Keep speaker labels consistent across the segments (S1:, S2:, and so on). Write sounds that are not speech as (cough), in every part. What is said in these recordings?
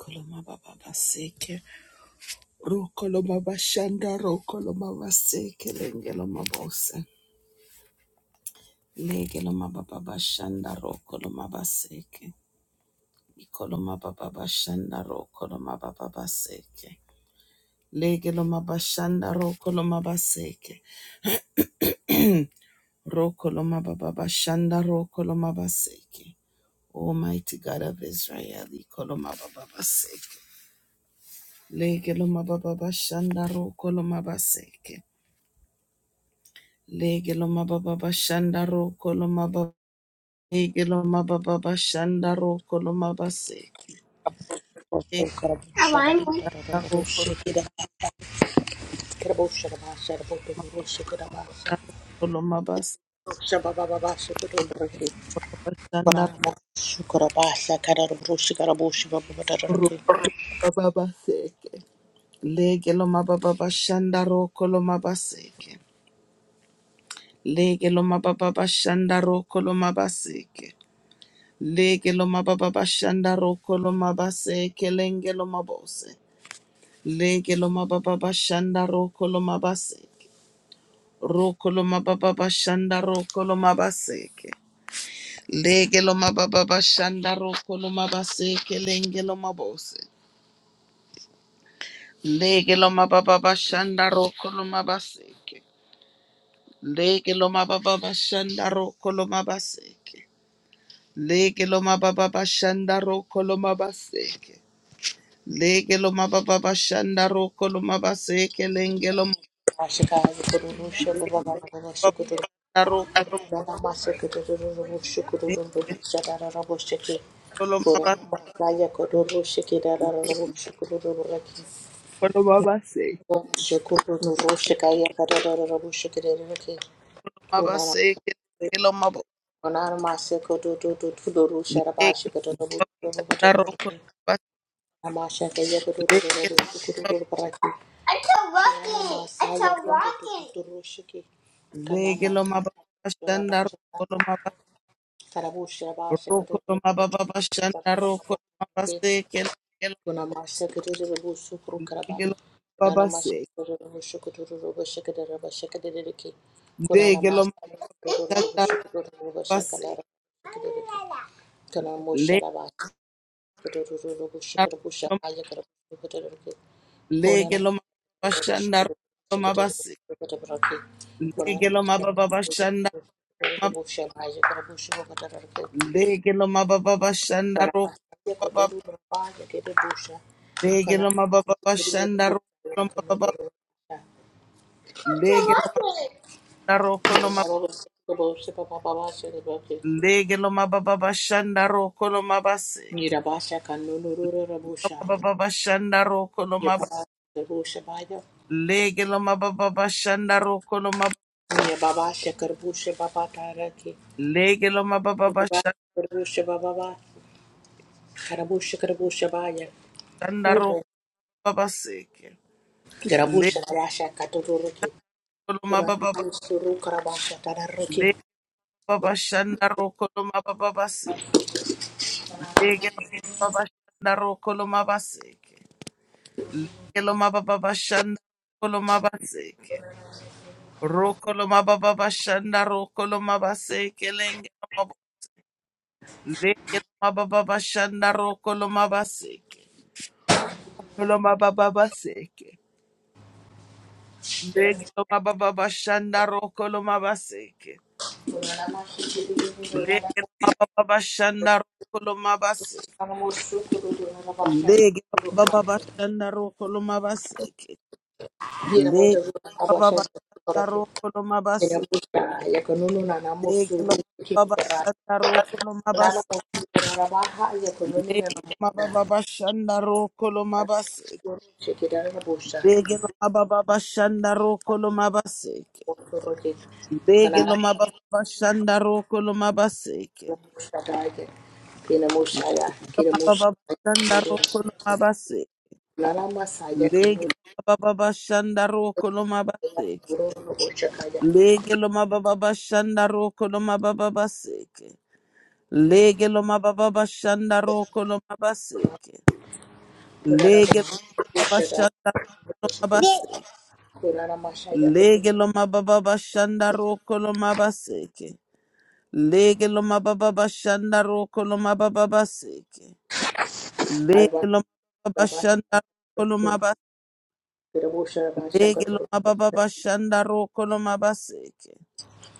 S1: Kolomaba baseke, rokoloma bashanda, rokoloma seke, lengeloma bose, legeloma baba bashanda, rokoloma baseke, ikoloma baba bashanda, rokoloma baba seke, legeloma bashanda, rokoloma baseke, rokoloma baba bashanda, rokoloma baseke. Almighty God of Israel, ikoloma baba baseke, legeloma baba bashanda, rokoloma baseke. Lege lo mababa bashanda roko lo mababa. Lege lo mababa bashanda roko lo mabase.
S2: A
S1: Lege
S2: wine?
S1: la roko lo la roko lo mabase. Bashanda roko lo mababa baseke. Lege lo mababa bashanda roko lo mabaseke. Lege lo mababa bashanda roko lo mabaseke. Lege lo mababa bashanda roko lo mabaseke. Lenge lo mabose. Lege lo mababa bashanda roko lo mabase. Rokoloma baba bashanda rokoloma baseke. Lege loma baba bashanda rokoloma baseke lenge loma bose. Lege baba bashanda rokoloma baseke. Lege loma baba bashanda rokoloma baseke. Lege loma baba bashanda rokoloma baseke. Lege loma baba bashanda rokoloma baseke lenge loma. Lege baba rokoloma baseke. Lege baseke. Legeloma baseke.
S2: It's a rocket.
S1: Legelo mababa bashanda ro,
S2: It's
S1: legelo mababa
S2: a rocket. Kuna mashakarere bo sukuru karaba. Kuna na mashakarere bo shukuru bo shakarere bo shakarere ki. Kuna na mashakarere bo shukuru bo shakarere shakarere ki. Kuna mo sharaba shakarere bo shukuru bo shakaya karere bo shakarere ki. Kuna na mashakarere bo shukuru bo shakarere bo shakarere ki. Kuna na mashakarere bo shukuru bo shakaya karere bo shakarere ki. Para masaya kotoro raba ya kede busha. Kana kiri de
S1: bashanda ro,
S2: busha ya kano doro busha.
S1: legelo
S2: Kiri
S1: taro kolo
S2: na rogo seko busha papa papa shere boke.
S1: Lege lo mababa shanda roko lo mabaseke.
S2: Mira basha kano doro doro busha ya.
S1: Mababa shanda roko lo
S2: Ye
S1: mab.
S2: papa kar busha baya.
S1: Lege lo mababa shanda roko lo mab.
S2: Ye baba shakar busha papa tara ki.
S1: Lege lo
S2: Ye
S1: mababa
S2: baba kar busha baba ba. Kar busha kar busha baya.
S1: shanda
S2: Moi bo.
S1: roko mabaseke.
S2: Kar
S1: Lege
S2: busha basha kato doro ki.
S1: lo mababa
S2: Kurana
S1: ba-
S2: suru kar basha tara ki.
S1: lege mababa shanda roko lo mababa seke. Lege lo mababa shanda roko lo mabaseke. Lege lo mababa shanda roko lo mabaseke. Roko lo mababa shanda roko lo mabaseke lenge. Leke loma baba shanda roko loma baseke. Loma baba baseke. Leke loma baba shanda roko loma baseke.
S2: Kinamusha
S1: Leke loma mababa shanda roko loma baseke. Leke loma baba shanda roko loma baseke. Leke loma baba shanda roko loma baseke. Leke loma baba shanda roko loma baseke. Leke loma baba shanda roko loma baseke. Leke loma baba shanda roko loma baseke. Lege lo mababa shanda roko lo mabaseke. Lege lo mababa shanda
S2: ya kanuni
S1: roko lo
S2: ya
S1: mabaseke.
S2: kururu ushakaya.
S1: Lege lo mababa shanda roko lo mabaseke. Lege lo mababa shanda roko lo mababaseke. Lege lo mababa shanda roko lo mabaseke.
S2: Kururu
S1: Lege lo mababa
S2: ushakaya.
S1: shanda roko lo mabaseke.
S2: Kolana Masha Yakutu,
S1: Lege lo mababa shanda roko lo mabaseke. Lege lo mababa shanda roko lo mababaseke.
S2: Kaiwa
S1: Legelo mababa
S2: Rabasha,
S1: shanda rokolo mabas.
S2: Kirabusha Rabasha
S1: Legelo
S2: Katuru,
S1: mababa shanda rokolo mabaseke.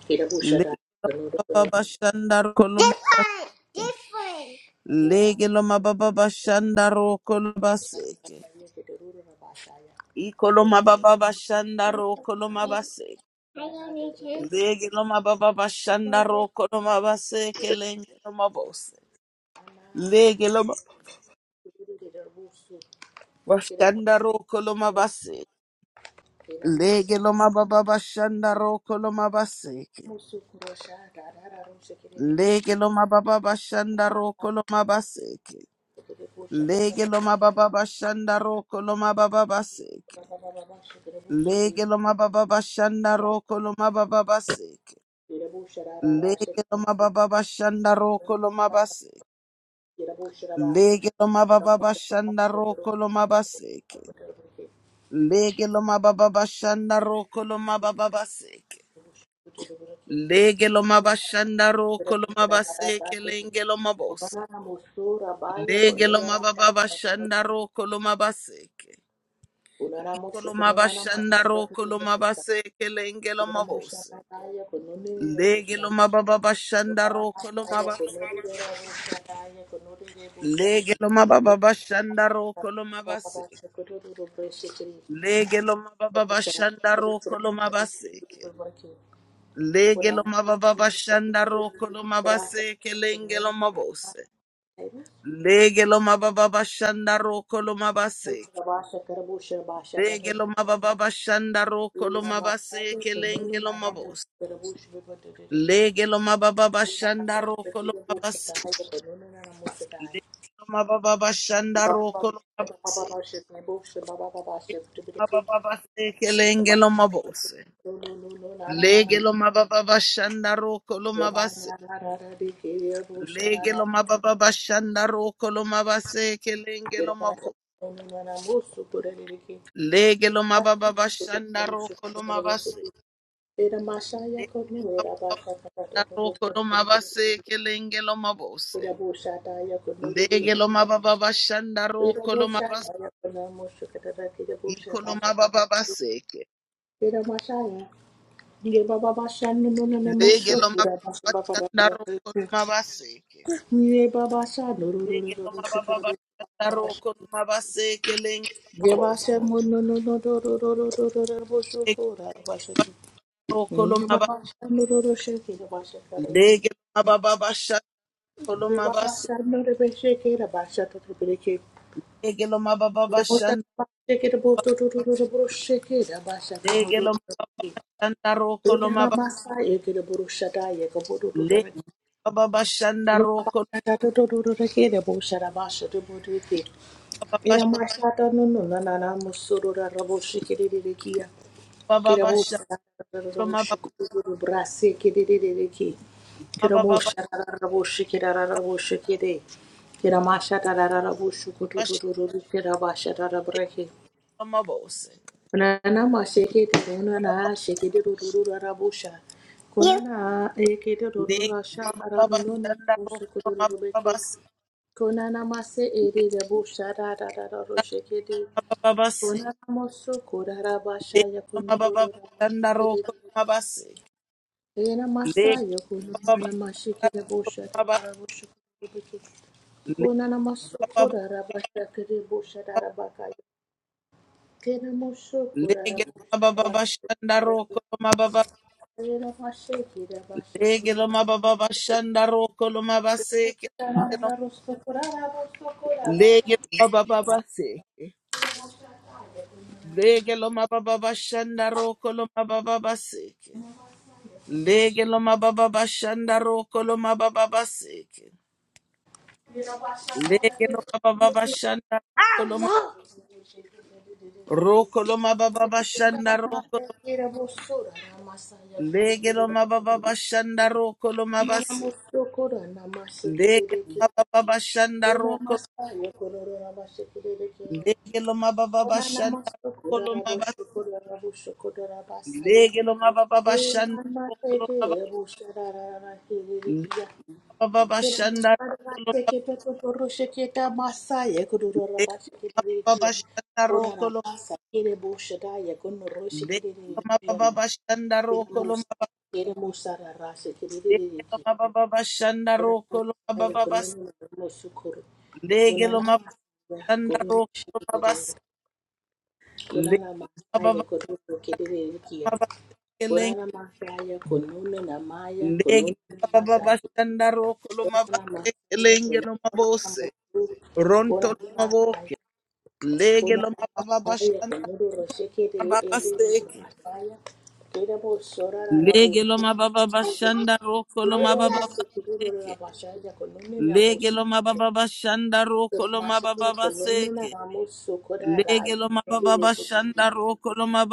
S2: Kirabusha
S1: Legelo
S2: Kanuru,
S1: mababa shanda rokolo mabaseke.
S2: Different. Different.
S1: Legelo mababa shanda rokolo baseke. Ikolo mababa shanda rokolo mabaseke.
S2: I don't need
S1: Legelo mababa shanda rokolo mabaseke. Legelo mabose. Legelo mababa shanda rokolo mabaseke. Legelo mababa shanda rokolo mabaseke. Lege lo mababa bashanda roko lo mabaseke. Lege lo mababa bashanda roko lo mababa baseke.
S2: this.
S1: Lege lo mababa bashanda roko lo mababa baseke.
S2: Thank
S1: Lege lo mababa bashanda roko lo mabaseke. Lege lo mababa bashanda roko lo mabaseke. Lege lo mababa bashanda roko lo mababa baseke. Lege lo mabashanda roko lo mabaseke lenge lo mabose. Lege loma baba bashanda roko loma baseke. Iko loma bashanda roko loma baseke lenge loma bose. Lege baba bashanda roko loma baseke. Lege baba bashanda roko loma baseke.
S2: you.
S1: Lege baba
S2: Baba,
S1: bashanda roko loma baseke. Lege baba bashanda roko loma baseke lenge bose. Lege baba bashanda roko Legelo mababa shanda roko lo mabase kelenge lo mabos. Lege mababa shanda roko lo mabase. Lege mababa shanda roko lo mabase. Mababa se kelenge lo mabose. Legelo mababa shanda roko lo mabase. Lege mababa shanda roko lo mabase kelenge lo mabose. Legelo mababa shanda roko lo mabase.
S2: Era mashaya
S1: Lege
S2: konera
S1: mababa
S2: basha kapato
S1: shanda roko
S2: toto
S1: lo
S2: toto.
S1: mabase kelenge lo mabose.
S2: Era bosha taya konori re
S1: Lege lo
S2: bosha.
S1: mababa bashanda
S2: Era
S1: roko lo
S2: bosha
S1: mabas
S2: taya konamo shukata tata era bosha
S1: iko lo
S2: basha tata.
S1: mababa baseke.
S2: Era mashaya. Ye baba basha nuno nene
S1: Lege
S2: mosho
S1: lo
S2: pura
S1: mababa
S2: basha baba
S1: bashanda
S2: baba.
S1: roko lo mabaseke.
S2: Ye baba basha nuru nuru
S1: Lege
S2: nuru
S1: lo
S2: bosha
S1: mababa
S2: kara bosha.
S1: bashanda roko lo mabaseke lenge lo
S2: Ye
S1: mabos.
S2: basha mono no no no no no no no no bosho
S1: Lege
S2: kora basha.
S1: roko
S2: Era
S1: lo mabas. Lege lo mababa bashanda lo mabas. Lege lo mababa bashanda. Lege lo mababa bashanda roko lo mabas. Lege mababa bashanda roko lo mabas.
S2: machata no no na na na musurura rabo shikiri kia
S1: Mababa
S2: Kirabosa
S1: bashanda lo
S2: Brase Kidiki
S1: mababa
S2: Kiramosha Rabushi Kirarabushi Kide Kiramasha Tararabushu
S1: bashanda
S2: Kuturu Kirabasha Tarabraki
S1: lo mabose.
S2: Unanama Shake it Unana Shake it Rabusha Kunana
S1: Lega
S2: Ekidurura
S1: mababa
S2: Sharanuna
S1: shanda roko
S2: Musukurubeki
S1: mababasi.
S2: Kunana Mase Edi
S1: Lega
S2: Rabusha Rarabushi Kide
S1: mababasi.
S2: kona Mosu Kurabasha
S1: Leg mababa
S2: Yakunuru
S1: shanda roko mabasi.
S2: Ena
S1: Lega
S2: masaya
S1: mababa
S2: kunana mashikira
S1: roko
S2: bosha
S1: mabasi.
S2: dara bosha kubiki
S1: Lega
S2: kunana
S1: mababa.
S2: masukura rabasha kiri bosha dara bakaya kena musukura
S1: Lega
S2: rabasha
S1: mababa shanda
S2: bakura
S1: roko mababa.
S2: ena mashikira basha
S1: Lega
S2: kunana
S1: mababa shanda roko mabasi.
S2: dara rusukura rabusukura
S1: Lega
S2: basha
S1: mababa basi. Lega mababa shanda roko mababa basi. Lege lo mababa bashanda roko lo mababa baseke.
S2: ena basha
S1: Legelo baba baba
S2: dara
S1: shanda koloma rokoloma baba baba shanda rokoloma
S2: Namasaya kututuri,
S1: legelo baba baba shanda rokoloma bas
S2: nanamusukura,
S1: legelo
S2: namashikiriki,
S1: baba baba shanda
S2: Una
S1: rokol
S2: masa yo korora bashikiririke.
S1: legelo baba baba
S2: Ona
S1: shanda
S2: namaso korora
S1: koloma bas
S2: bosho korora bosho korora basaya.
S1: legelo baba baba
S2: Una
S1: shanda
S2: masete
S1: rokoloma bas
S2: ebu shararara kiririkiya.
S1: baba baba
S2: Kira
S1: shanda
S2: masara
S1: rokoloma
S2: sekete totoro sheketa masaya korora
S1: legelo baba
S2: bashikiririkiya.
S1: shanda
S2: Ona
S1: rokoloma
S2: masa kire bosho daya konoro
S1: legelo baba
S2: shikiririkiya.
S1: baba shanda
S2: Kira
S1: rokoloma
S2: musa kire musa rara
S1: legelo baba baba shanda
S2: Ora
S1: rokoloma
S2: masaya
S1: baba bas
S2: kunini na mushukuru. Kunana
S1: legelo
S2: masaya kururu
S1: Sandaro
S2: shikiriri.
S1: Babas
S2: Kunana masaya kururu
S1: Lebababababakeling
S2: kiriri kia. Kunana masaya kununu na maya
S1: Leg
S2: kununu na masaya.
S1: Bababashandaro
S2: Kunana masaya
S1: Kulumabaskeling
S2: kununu na
S1: Lomabose
S2: mushukuru.
S1: Ronto
S2: Kunana masaya
S1: Maboke,
S2: kunana
S1: Legelomababa
S2: masaya kunuru shikiriri
S1: Shandababa
S2: eri na
S1: seke
S2: masaya. Kira bo sorara
S1: Leg
S2: rabu shikiriri.
S1: Lomababashanda
S2: Kunana masaya kunuru na
S1: Babaseke
S2: masaya kununu na
S1: Leg Lomababashanda Rokolomababaseke Leg
S2: mushukuru.
S1: Lomababashanda
S2: Tera masaka kolonno na
S1: Rokolomababaseke
S2: mamu sokoda
S1: Leg
S2: rai. Nere ye kuchhi.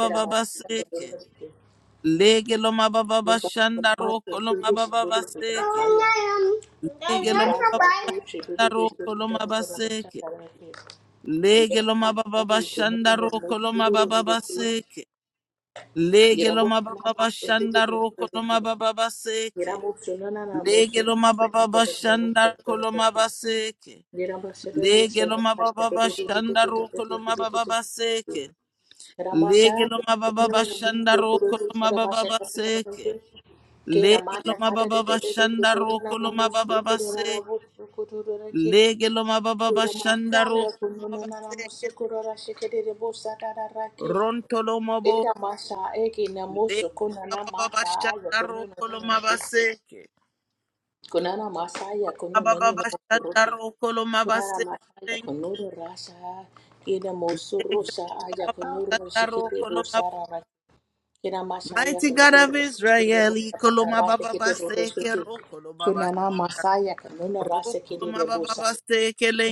S2: Tera masaka
S1: seke
S2: kolonno ke.
S1: Lege loma baba
S2: Ne baat
S1: bashanda
S2: samma ke
S1: roko loma
S2: tude
S1: baba
S2: shiburu kuda na
S1: baseke.
S2: kaya.
S1: Lege
S2: Ne
S1: loma
S2: baat samma shiburu
S1: baba
S2: beshte
S1: roko
S2: kuda
S1: loma
S2: kuda na basa
S1: baseke.
S2: kara ke. Ye
S1: Lege loma
S2: baat
S1: baba
S2: samma kolonno
S1: bashanda
S2: na mamu
S1: roko loma
S2: shiburu
S1: baba
S2: kuda ke.
S1: baseke. Lege
S2: Gira bo
S1: loma
S2: na
S1: baba
S2: mamu
S1: bashanda
S2: shiburu
S1: roko
S2: kuda ke.
S1: loma baba
S2: Gira
S1: baseke.
S2: bo shona na mamu
S1: Lege loma
S2: sokoda
S1: baba
S2: kuda na basa
S1: bashanda roko
S2: kara
S1: loma
S2: ke.
S1: baseke.
S2: Gira bo shada bo
S1: Lege
S2: shada
S1: loma
S2: basa
S1: baba
S2: kuda kuda
S1: bashanda
S2: kuda kuda
S1: roko
S2: kuda
S1: loma
S2: kuda
S1: baba
S2: kuda.
S1: baseke. Lege
S2: Ramasha,
S1: loma
S2: Ke
S1: baba bashanda roko loma baba
S2: Ramasha,
S1: baseke.
S2: Ke
S1: Lege lo mababa bashanda roko lo mababa base. Lege lo mababa
S2: Ramasha,
S1: bashanda roko lo mabase.
S2: Yakunananamusukura, Shikiribosa, Tararaki,
S1: Ronto lo mabo.
S2: Eda Masha, Eki
S1: Lege
S2: Namushu,
S1: lo
S2: Kunana
S1: mababa
S2: Masa,
S1: bashanda roko lo
S2: Yakunanamaki,
S1: mabase.
S2: Kunana Masa,
S1: Mababa bashanda
S2: Yakunaninamukuruki,
S1: roko lo
S2: Kunana
S1: mabase.
S2: masaya
S1: Lege
S2: Yakunuru Rasa, Eda
S1: lo
S2: Mosurusha, Ayakunuru,
S1: mabashanda roko lo
S2: Shikiribosa, Kina Masaya
S1: Mighty God of
S2: Kunura
S1: Israel, Ikoloma
S2: Rasa
S1: Baba
S2: Kiti
S1: Baseke,
S2: Burusuki.
S1: Rokoloma Baba
S2: Kunana Masaya Kununa Rasa Kiti
S1: Rokoloma
S2: de
S1: Baba
S2: Busa.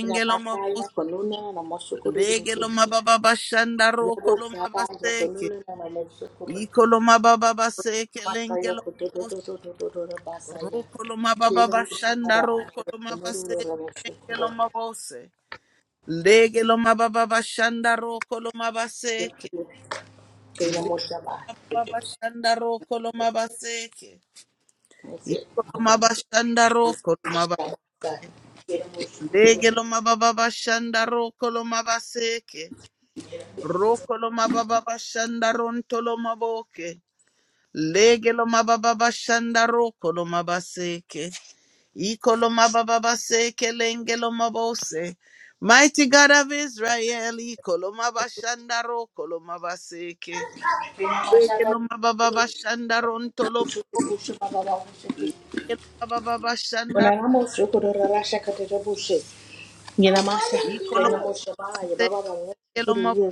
S2: Kuna Masaya Kununa Namasukuri de
S1: Lege lo
S2: Miki.
S1: mababa bashanda roko
S2: Yabu
S1: lo
S2: Sada
S1: mabaseke.
S2: Yakununa Namasukuri.
S1: Iko lo mababa baseke lenge
S2: Masaya
S1: lo mabose.
S2: Kutututututututu Basaya.
S1: Roko lo mababa
S2: Kina
S1: bashanda
S2: Masada
S1: roko lo mabaseke
S2: Kunuru
S1: lenge lo
S2: Namasukuri.
S1: mabose. Lege lo mababa bashanda roko lo mabaseke.
S2: Kina
S1: Lege lo
S2: Mosaba.
S1: mababa bashanda roko lo mabaseke.
S2: That's it.
S1: Iko lo
S2: Okay.
S1: mabashanda roko lo mabaseke.
S2: Kina
S1: Lege lo mababa bashanda roko lo mabaseke. Roko lo mababa bashanda ronto lo maboke. Legelo mababa shandaro kolomabaseke. Ikolo mababaseke lengelo mabose. Mighty God of Israel, ikolo mabashandaro kolomabaseke.
S2: Mosukuri.
S1: Legelo mababa shandaro ntolo
S2: Thank
S1: mababa
S2: you.
S1: shandaro. Ikolo mabaseke lo mabo.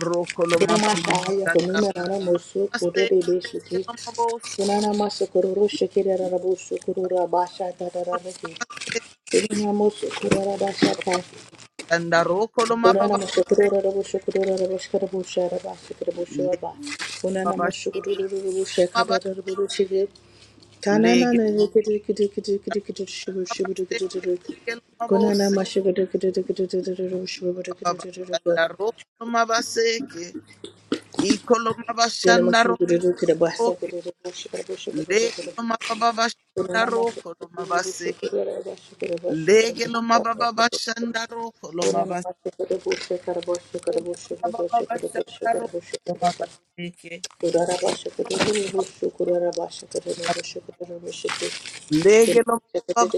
S1: Rokolo mabashandaro. Legelo mabose. Shandaro
S2: Unana
S1: kolomabaseke.
S2: mashikada bushe karabosh karabosh karabosh karabosh
S1: Legelo mabashandaro. mabaseke mabose mabashanda roko mabaseke ikolo mabashanda roke lego mababashanda roko lo mabase lege lo mababashanda roko lo mabaseke lo mababashanda roko
S2: karabosh
S1: lo
S2: karabosh
S1: mabaseke
S2: Kurara başa kururu ruşu
S1: lege lo mababa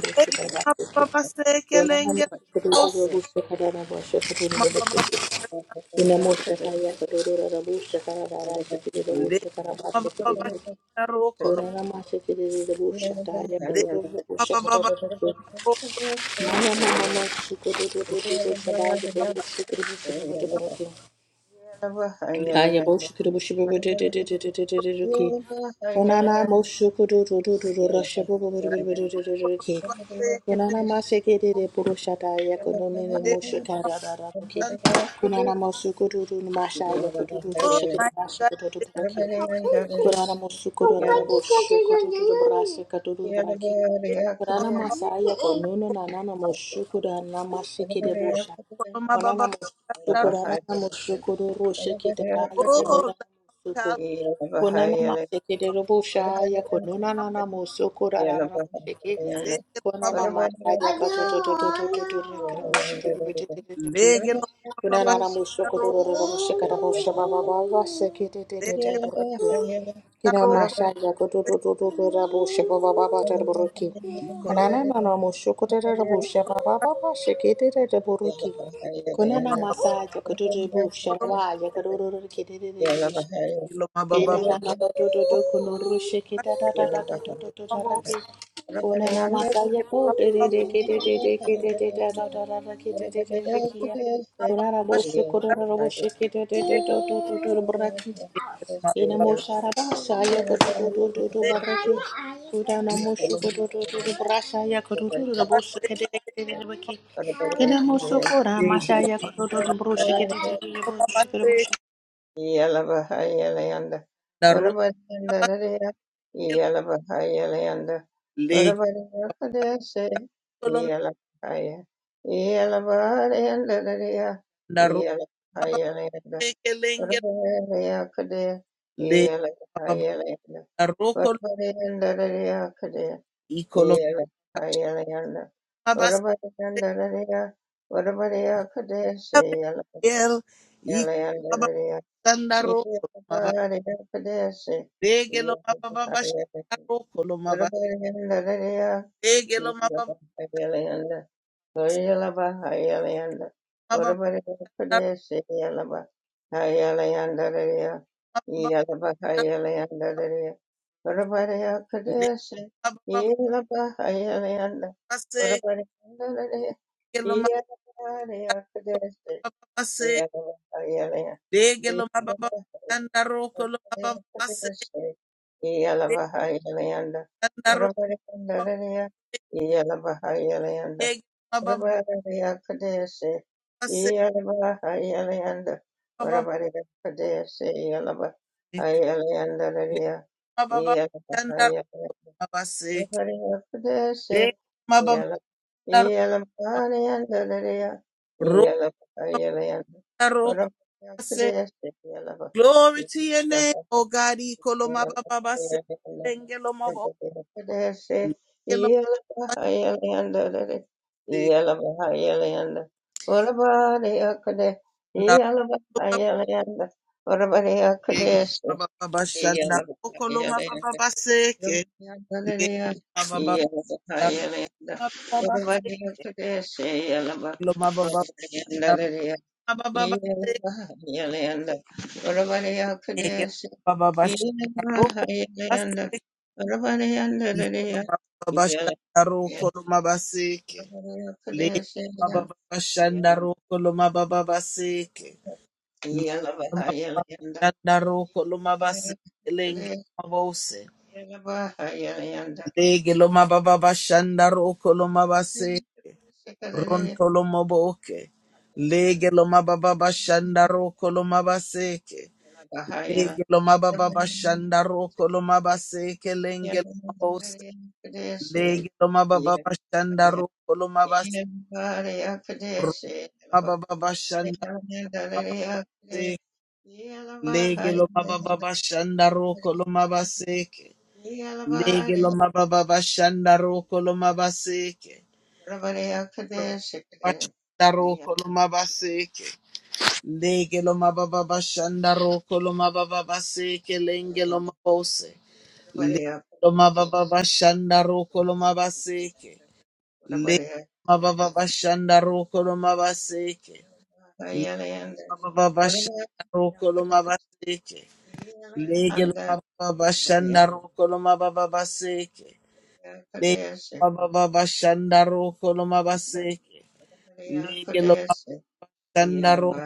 S1: lege mababaseke lenge mabose mababashanda lege
S2: kurara
S1: mababashanda roko lo lege mababashanda roko
S2: Mama, mama, mama, maşa kururu ruşu daya kururu ruşu kururu ruşu kururu ruşu Aya boshukuru bushubu de de de de de de de de ki. Konana moshukuru do do Konana maseke de ya konone ne moshukara da da bu ki. Konana moshukuru do no ya ko do
S1: Oh
S2: da
S1: my
S2: masha
S1: God,
S2: ko do do do ki. Konana moshukuru da da boshukuru Kurana
S3: Yeah.
S2: masaya konono na nana
S3: Yeah,
S2: moshukura na mashikire busha.
S1: my
S2: Onana
S1: Baba,
S2: moshukura na moshukuru roshikire raya
S1: oh,
S2: konona mosuku.
S1: that
S2: Konana mashikire busha ya konona na moshukura rara
S1: leg, Baba,
S2: Kunana masaya katotototototototo karabushitibibitititiki.
S1: leg,
S2: Kunana
S1: Baba,
S2: ramusho
S1: narrow,
S2: korororororoshe karabusha babababa
S1: leg,
S2: sekititititi buruki. Kina masaya kotototototo rabusha babababa taraburuki. Kunana nanamusho kotororororoshe babababa sekititititi buruki. Kunana masaya kototobusha rabaya korororororokititititishi.
S1: narrow,
S2: Keda da da da da da kono rushe keda da da da da da da da da rake kona na masaya ko de de de de de de de de de da da da da Kina moshokora mashaya kototo broshi kete kete kete broshi
S3: Yes.
S2: kete broshi
S3: Yalabahayalayanda. Urabadyandaraya. Yalabahayalayanda. Urabadyandaraya. Yalabahaya. Yalabahayalandaraya.
S1: Leg,
S3: Yalabahayalayanda.
S1: Tekelenge
S3: Urabadyandaraya.
S1: le baba
S3: Yalabahayalayanda.
S1: roko
S3: Urabadyandaraya.
S1: ikolo
S3: Yalabahayalayanda.
S1: baba
S3: Urabadyandaraya. Urabadyandaraya.
S1: el ikaba
S3: Yalabahayalayanda.
S1: sandaro baba
S3: Yeah.
S1: dege lo baba baba sandaro kolo baba dege lo baba baba baba le baba baba se kelo baba baba se dege lo baba baba sandaro kolo baba
S3: Yeah.
S1: baba se sandaro baba dege baba baba se baba le baba baba sandaro baba Re- ma- ba- ba- da- ro- da- ro- ko- se. Glory to your name, O God. Ikolo ma- ba-
S3: Yalaba,
S1: ba- ba- se. Engelo ma- ba- engelo ma- ba- se. Da- ro- ma- ba- ege- ma- ba- ba- ba- shanda. Okolo ma- ba- ba- ba- se. Ke. Le- ma- ba- ba- da- ma- ba- ba- se. Engelo ma- ba- ba- da- ma- ba- ba- ba- se.
S3: Yelanda, Urabariya
S1: Ege-
S3: Kadesh,
S1: ma- ba- ba- ba- shanda. Ro-
S3: Yelanda,
S1: ko- ma- ba-
S3: Yelanda,
S1: se.
S3: Urabariya
S1: Ikolo
S3: Kadesh,
S1: ma- ba- ba- ba-
S3: Yelanda,
S1: shanda. Ro- ko- ma- ba- se. Le
S3: Kadesh, Yelanda,
S1: mababa bashanda
S3: Yelanda,
S1: roko lo mababa baseke. Le mababa bashanda roko lo mabaseke lenge
S3: Kadesh,
S1: mabose.
S3: Yelanda,
S1: Lege lo mababa bashanda roko lo mabase ronto lo maboke. Lege lo mababa bashanda roko lo mabaseke. Lege lo mababa bashanda roko lo mabaseke lenge lo mabose. Lege lo mababa bashanda
S3: Yelanda,
S1: roko lo mabase.
S3: Yeah.
S1: Ro mababa bashanda Lege lo mababa bashanda roko lo mabaseke. Lege lo mababa bashanda roko lo mabaseke. Lo Bashanda roko lo mabaseke. Lege lo mababa bashanda roko lo mababa baseke lenge lo mabose. Lege lo mababa bashanda roko lo mabaseke. Lege lo mababa bashanda roko lo mabaseke. Lege lo mababa bashanda roko lo mabaseke. Lege baba baba shanda roko lo mababa baseke. Lege baba baba shanda roko lo
S3: Yeah.
S1: mabaseke. Lege lo ma- shanda roko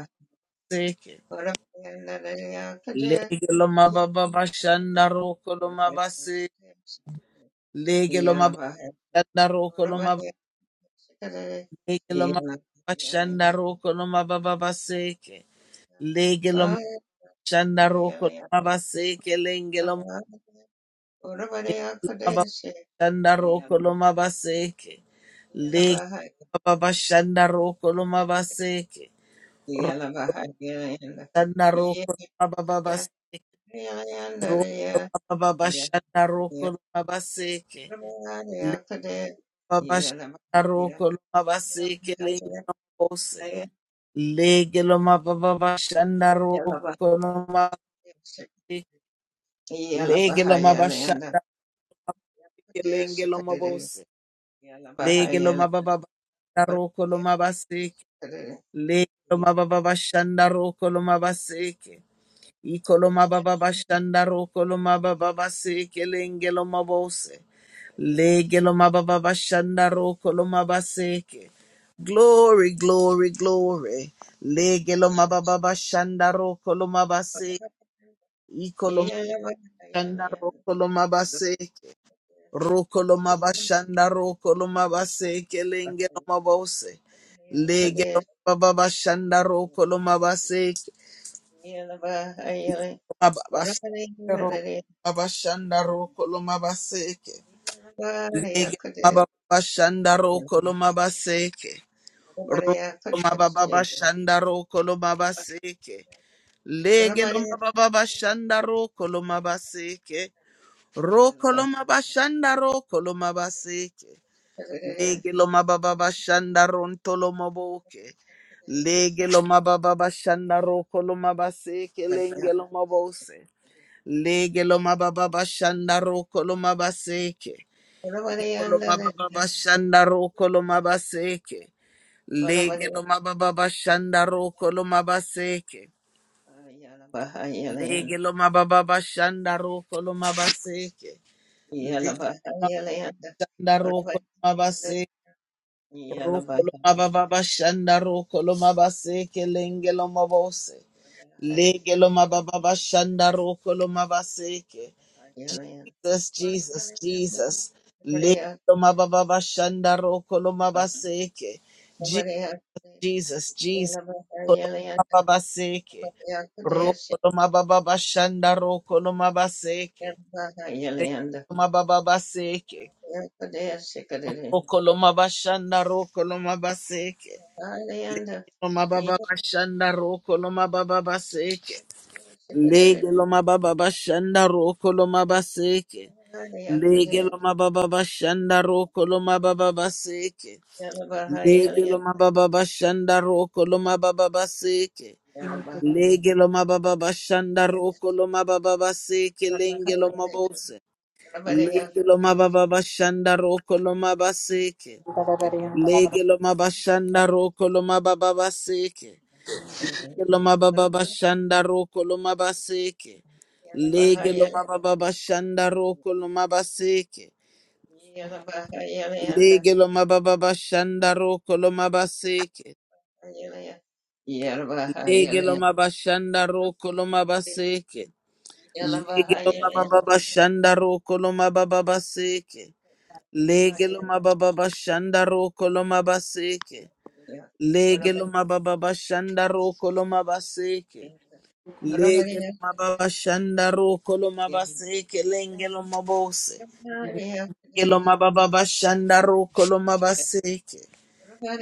S1: seke. Lege lo mababa baba shanda roko lo mabase. Lege lo mababa
S3: Yeah.
S1: shanda roko lo ba Lege lo mababa shanda roko lo mababa baseke. Lege lo ma- shanda roko lo mabaseke. Lenge lo ma- lege lo mababa shanda roko lo mabaseke. Baba Shanda Roko Loma Baseke, Rosanda Roko Loma Baba Baseke, Roko Loma Baba Shanda Roko Loma Baseke, Le Baba Shanda Roko Loma Baseke, Le Bose, Lege Loma Baba Shanda Roko Loma Baseke, Lege Loma Bashanda, Lenge Loma Bose, Lege Loma Baba Shanda Roko Loma Baseke, Lege Loma Baba Shanda Roko Loma Baseke, Ikoloma baba bashandaro koloma baba base kelenge loma bose lege bashandaro koloma baseke glory glory glory legelo loma bashandaro koloma base ikoloma shandaro koloma base rokoloma bashandaro koloma base kelenge loma bose lege bashandaro
S3: Yeah.
S1: koloma
S3: Yalaba,
S1: Mababashandaro, mabashandaro, kolomabaseke. Lege mababashandaro, kolomabaseke. Roko mababashandaro, kolomabaseke. Lege lo mababashandaro, kolomabaseke. Roko lo mabashandaro, kolomabaseke. Lege lo mababashandaro, ntolomoboke. Lege lo kolomabaseke. Lenge lo mabose. Lege lo mababa bashanda roko lo mabaseke. Ikolo mababa bashanda roko lo mabaseke. Lege lo mababa bashanda roko lo mabaseke. Lege lo mababa bashanda roko lo mabaseke. Lege lo
S3: Yalabahayalayanda,
S1: mabashanda roko lo
S3: Varavahayalayanda,
S1: mabaseke. Roko lo mababa
S3: Yalabahayalayanda,
S1: bashanda roko lo mabaseke. Lenge lo mabose. Lege lo mababa
S3: Varavahayalayanda,
S1: bashanda roko lo mabaseke. Jesus, Jesus,
S3: Varavahayalayanda,
S1: Jesus. Lekoma
S3: Varayakadesi,
S1: baba bashanda roko loma baseke. Je-
S3: Varayakadesi,
S1: Jesus, Jesus. Koloma
S3: Yalabahayalayanda,
S1: baba baseke.
S3: Varayakadesi,
S1: Roko loma baba bashanda roko loma baseke.
S3: Yalabahayalayanda,
S1: Lekoma baba baseke.
S3: Varayakadesi, Kadiri,
S1: Roko loma bashanda roko loma baseke.
S3: Hayalayanda,
S1: Loma baba bashanda roko loma baba baseke.
S3: Yalabahayakadesi, Kadiri,
S1: Lege loma baba bashanda roko loma baseke. Lege lo
S3: Varayakadesi,
S1: mababa bashanda roko lo mababa baseke. Lege
S3: Yalabahayalayanda,
S1: lo mababa bashanda roko lo mababa baseke.
S3: Yeah.
S1: Lege lo mababa bashanda roko lo mababa baseke lenge lo mabose. Lege lo mababa bashanda roko lo mabaseke. Lege lo mabashanda roko lo mababa baseke. Lege lo mababa bashanda roko lo mabaseke. Lege lo mababa bashanda roko lo mabaseke. Lege lo mababa bashanda roko lo mabaseke. Lege lo mabashanda roko lo mabaseke. Lege lo mababa bashanda roko lo mababa baseke. Lege lo mababa bashanda roko lo mabaseke. Lege lo mababa bashanda roko lo mabaseke. Lege lo mababa bashanda roko lo mabaseke. Lenge lo mabose. Lege lo mababa bashanda roko lo mabaseke.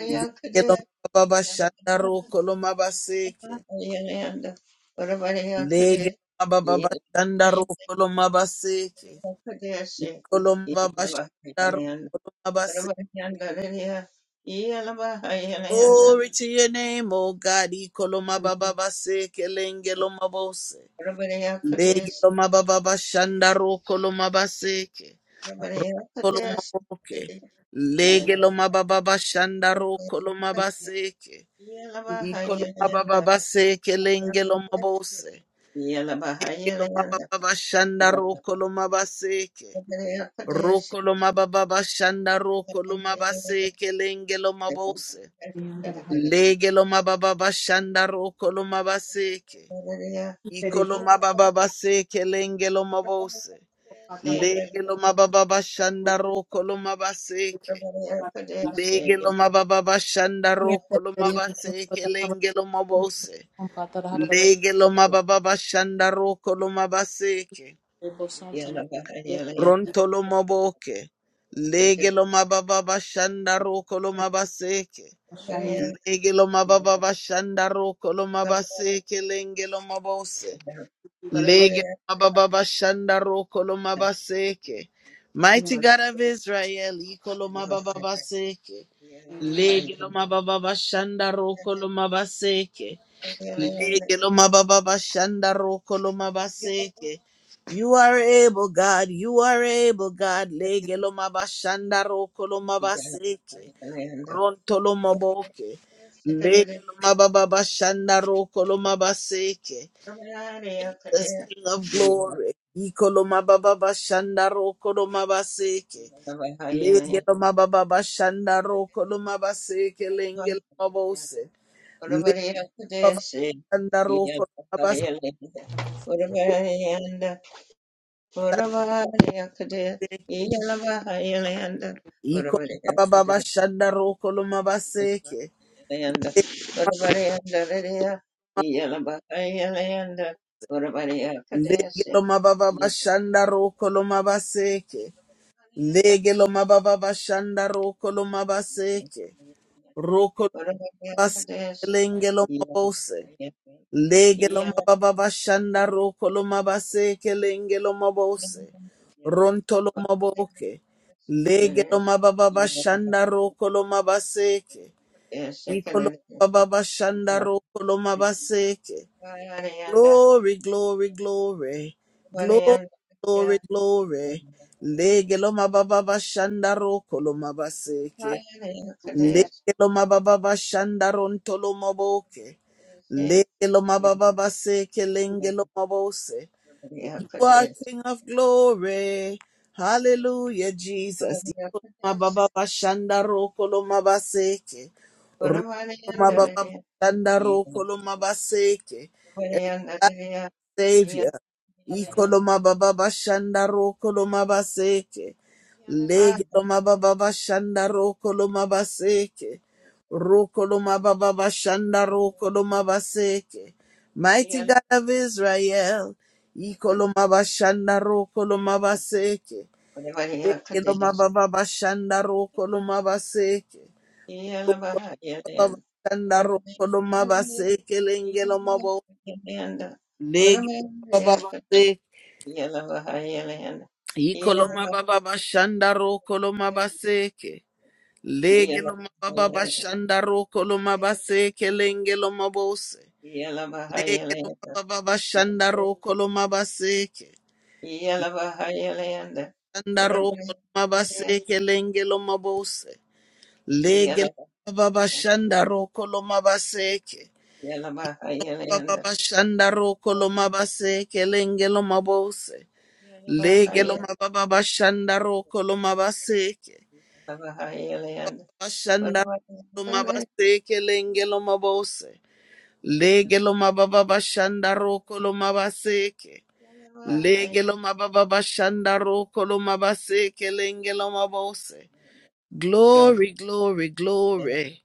S1: Lege lo mababa shanda roko lo mabaseke.
S3: Ayanda, Orabariya Kade,
S1: Lege lo mababa shanda
S3: Ayanda
S1: roko lo mabaseke.
S3: Kadesi,
S1: Kolo mababa
S3: Yelava
S1: shanda
S3: Ayanda,
S1: roko lo mabaseke.
S3: Orabariyanda Lidia, Yelava Ayanda,
S1: Glory to your name, O God. Ikolo mababa seke lenge lo mabose.
S3: Orabariya
S1: Lege lo
S3: Kadesi,
S1: mababa shanda roko lo mabaseke.
S3: Orabariya
S1: Roko lo
S3: Kadesi,
S1: maboke. Lege lo
S3: Yelava
S1: mababa shanda roko lo mabaseke.
S3: Yelava
S1: Ikolo
S3: Ayanda,
S1: mababa seke lenge lo mabose.
S3: Yelava Ayanda,
S1: Lomababa Shanda Roko Lomabaseke.
S3: Orabariya Kadesi,
S1: Roko Lomababa Shanda Roko Lomabaseke Lenge Lomabose. Lege Lomababa Shanda Roko Lomabaseke. Iko Lomababa Seke Lenge Lomabose. Lege Lomababa Shanda Roko Lomabaseke. Lege Lomababa Shanda Roko Lomabaseke Lenge Lomabose. Lege Lomababa Shanda Roko Lomabaseke. Rontolo maboke. Legelo mababa shanda rokolo mabaseke. Legelo mababa shanda rokolo mabaseke lengelo mabose. Legelo mababa shanda rokolo mabaseke. Mighty God of Israel, ikolo mababa seke. Legelo mababa shanda rokolo mabaseke. Leke lo mababa shanda roko lo mabaseke. You are able, God. You are able, God. Lege lo mabashanda roko lo mabaseke.
S3: Yeah.
S1: Ronto lo
S3: Ora
S1: maboke. Lege lo mababa shanda roko lo mabaseke. The King of Glory. Iko lo mababa shanda roko lo mabaseke. Lege lo mababa shanda roko lo mabaseke. Lenge lo mabose. Lege lo mababa roko lo mabaseke. Iko mababa shanda
S3: Yanda, Urabari yanda ririya, iyana baka iyana yanda, Urabari yakadesi,
S1: Ikolomababa
S3: iyana
S1: Shandaro Kolomabaseke. Legelomababa Bashandaro Kolomabaseke.
S3: baka yanda,
S1: Legelomababa Bashandaro Kolomabaseke. Rokolabaseke
S3: Urabari yakadesi, iyana baka
S1: Lengelomabose.
S3: yanda, iyana yanda,
S1: Legelomababa Bashandaro Kolomabaseke Lengelomabose.
S3: iyana baka yanda,
S1: Rontolomaboke.
S3: sekelele,
S1: Legelomababa
S3: iyana baka yanda,
S1: Bashandaro Kolomabaseke. Ikolomababa Bashandaro Kolomabaseke. Glory, glory, glory. Glory, glory, glory. Lege lo mababa bashandaro koloma baseke. Lege lo mababa bashandaro ntolo maboke. Lege lo mababa baseke lenge lo mabose. You are King of glory. Hallelujah, Jesus. Yolo Mababa bashandaro koloma baseke. Ro- Mababa bashandaro koloma baseke. Savior. Ikoloma baba bashanda roko loma baseke. Lege loma baba bashanda roko loma baseke. Roko loma baba bashanda roko loma baseke. Mighty God of Israel. Ikoloma bashanda roko loma baseke. Lege loma baba bashanda roko loma baseke. Baba bashanda roko loma baseke lenge loma bo. Lege loma baba baseke.
S3: Yala bahai yala yanda. Yala
S1: Ikoloma baba bashanda ro koloma baseke. Lege
S3: yala
S1: loma
S3: bahai
S1: baba
S3: yala
S1: bashanda ro koloma
S3: yanda.
S1: baseke lenge loma bose.
S3: Yala bahai
S1: Lege
S3: yala
S1: loma
S3: yanda.
S1: baba bashanda ro koloma baseke.
S3: Yala bahai yala yanda.
S1: Shanda ro koloma baseke lenge loma bose. Lege
S3: Yala
S1: loma baba bashanda ro koloma baseke.
S3: bahai yala yanda. Yala bahai yala
S1: Baba
S3: yanda.
S1: bashanda ro koloma baseke lenge loma bose.
S3: Yala
S1: Lege
S3: bahai
S1: loma baba bashanda ro koloma baseke.
S3: yala yanda.
S1: Bashanda
S3: Yala
S1: lomabase kelenge lomabose. Lege lomababa bashanda roko lomabaseke.
S3: bahai
S1: Lege lomababa bashanda roko lomabaseke lenge lomabose. Glory, glory,
S3: yala
S1: glory.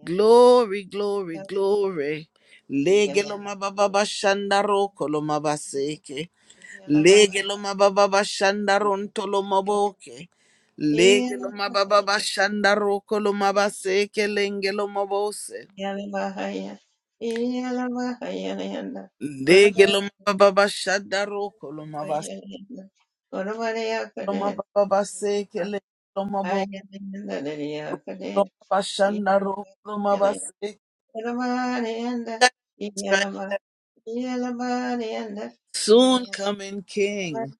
S3: yanda.
S1: Glory, glory, glory. Lege lomababa bashanda roko lomabaseke. Lege lo mababa bashanda ronto lo maboke. Lege lo mababa bashanda roko lo mabaseke lenge lo mabose.
S3: Yeah.
S1: Lege lo mababa bashanda roko lo mabase lo mababa baseke lenge lo mabose lo mabashanda roko lo mabaseke. Soon coming King.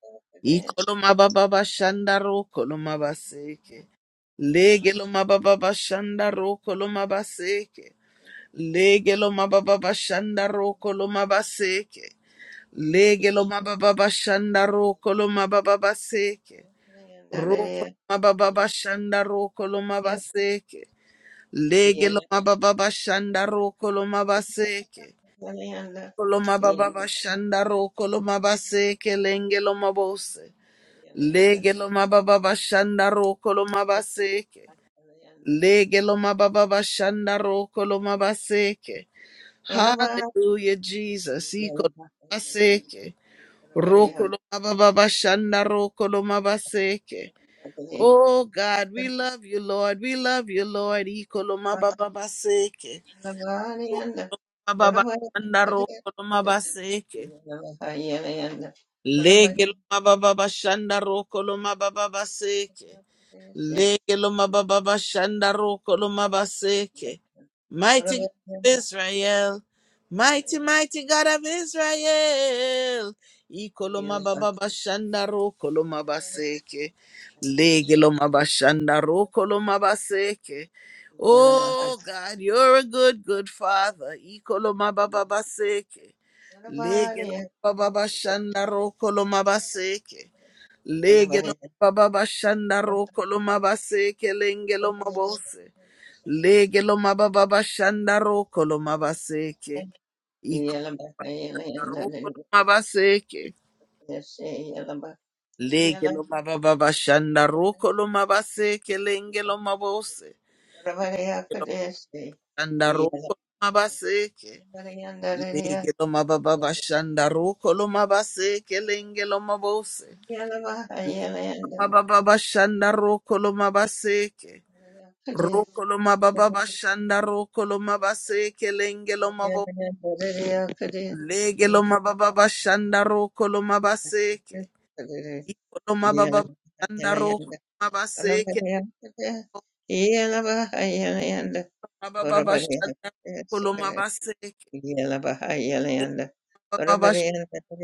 S1: Iko lo mababa bashanda roko lo mabaseke. Lege lo mababa bashanda roko lo mabaseke. Lege lo mababa bashanda roko lo mabaseke. Lege lo mababa bashanda roko lo mababa baseke. Roko lo mababa bashanda roko lo mabaseke. Lege lo mababa bashanda roko lo mabaseke. Lo mababa bashanda roko lo mabaseke lenge lo mabose. Lege lo mababa bashanda roko lo mabaseke. Lege lo mababa bashanda roko lo mabaseke. Hallelujah, Jesus. Ikolobaseke. Rokolobababashanda rokolomabaseke. Oh God, we love you, Lord. We love you, Lord. Ikolomabababaseke. Rokolobababashanda rokolomabaseke. Legelomabababashanda rokolomabababaseke.
S3: Yeah.
S1: Lege loma baba bashanda roko loma baseke.
S3: Ora
S1: Mighty God
S3: bariya
S1: of
S3: kadesi,
S1: Israel, mighty, mighty God of Israel. Iko loma baba bashanda roko loma baseke. Lege loma bashanda roko loma baseke. Oh God, you're a good, good father. Iko loma baba baseke. Lege loma baba bashanda roko loma baseke. Legelo mababa shanda roko lo mabase kelenge lo mabose. Legelo mababa shanda roko lo mabaseke. Iko roko lo mabaseke. Legelo mababa shanda roko lo mabaseke lenge lo mabose. Shanda roko lo mabaseke. Legelo mababa
S3: Yeah.
S1: shanda roko lo mabaseke lenge lo mabose. Mababa shanda roko lo mabaseke. Rokoloma baba bashanda rokoloma baseke lengeloma bo legeloma baba bashanda rokoloma baseke ikoloma baba bashanda rokoloma baseke baba baba bashanda rokoloma baseke baba bashanda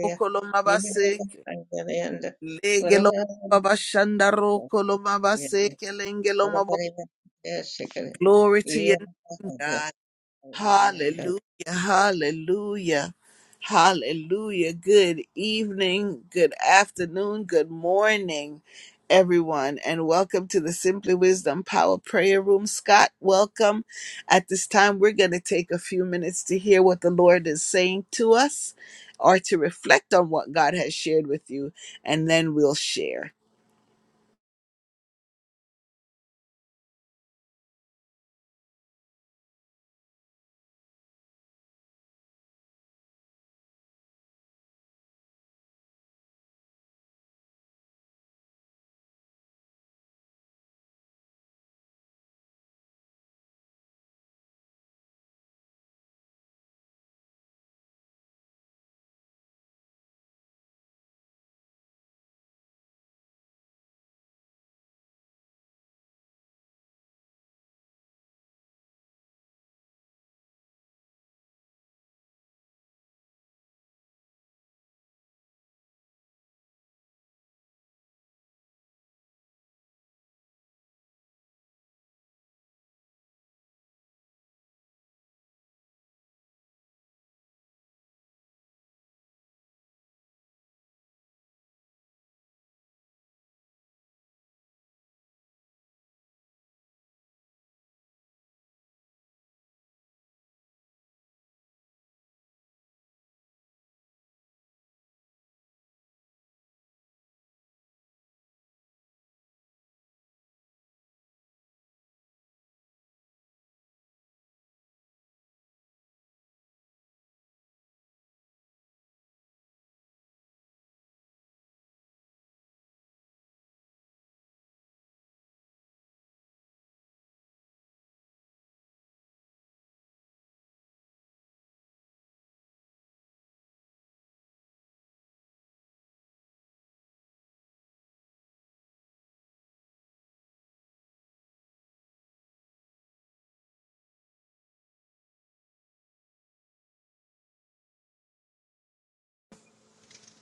S1: rokoloma baseke legeloma baba bashanda rokoloma baseke lengeloma bo glory to you God.
S3: And uh,
S1: Hallelujah, hallelujah, hallelujah. Good evening, good afternoon, good morning, everyone, and welcome to the Simply Wisdom Power Prayer Room. Scott, welcome. At this time, we're going to take a few minutes to hear what the Lord is saying to us or to reflect on what God has shared with you, and then we'll share.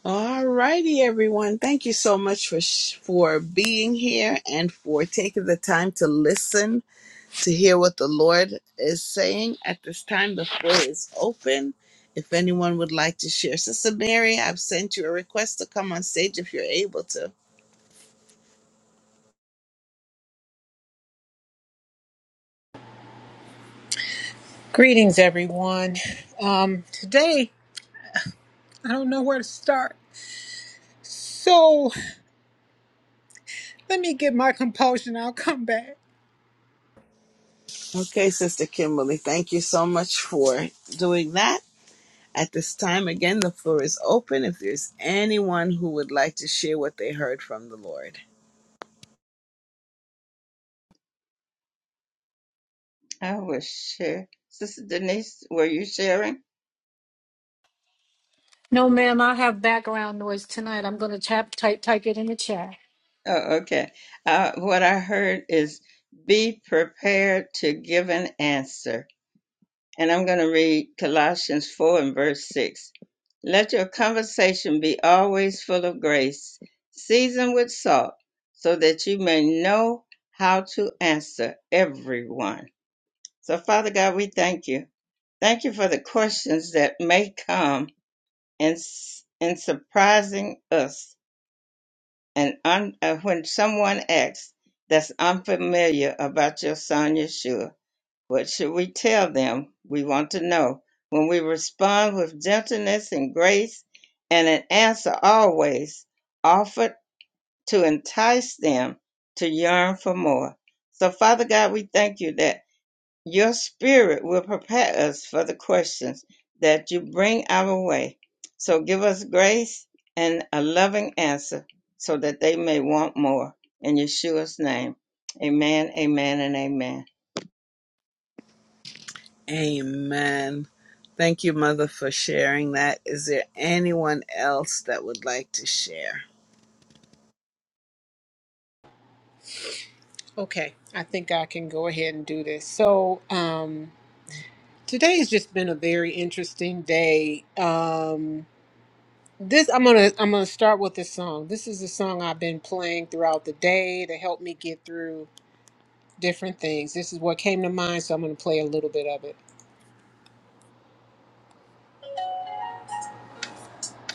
S1: All righty, everyone. Thank you so much for sh- for being here and for taking the time to listen to hear what the Lord is saying. At this time, the floor is open. If anyone would like to share, Sister Mary, I've sent you a request to come on stage if you're able to.
S4: Greetings, everyone. Um, today, I don't know where to start. So, let me get my compulsion. I'll come back.
S1: Okay, Sister Kimberly, thank you so much for doing that. At this time, again, the floor is open if there's anyone who would like to share what they heard from the Lord.
S3: I was share. Sister Denise, were you sharing?
S5: No, ma'am, I have background noise tonight. I'm going to tap, type, type it in the chat.
S3: Oh, okay. Uh, what I heard is be prepared to give an answer. And I'm going to read Colossians 4 and verse 6. Let your conversation be always full of grace, seasoned with salt, so that you may know how to answer everyone. So, Father God, we thank you. Thank you for the questions that may come In s- and surprising us and un, uh, when someone asks that's unfamiliar about your son Yeshua, what should we tell them? We want to know. When we respond with gentleness and grace and an answer always offered to entice them to yearn for more. So Father God, we thank you that your spirit will prepare us for the questions that you bring our way. So give us grace and a loving answer so that they may want more. In Yeshua's name, amen, amen, and amen.
S1: Amen. Thank you, Mother, for sharing that. Is there anyone else that would like to share?
S4: Okay, I think I can go ahead and do this. So, um, today's just been a very interesting day. Um, this I'm gonna I'm gonna start with this song. This is a song I've been playing throughout the day to help me get through different things. This is what came to mind, so I'm gonna play a little bit of it.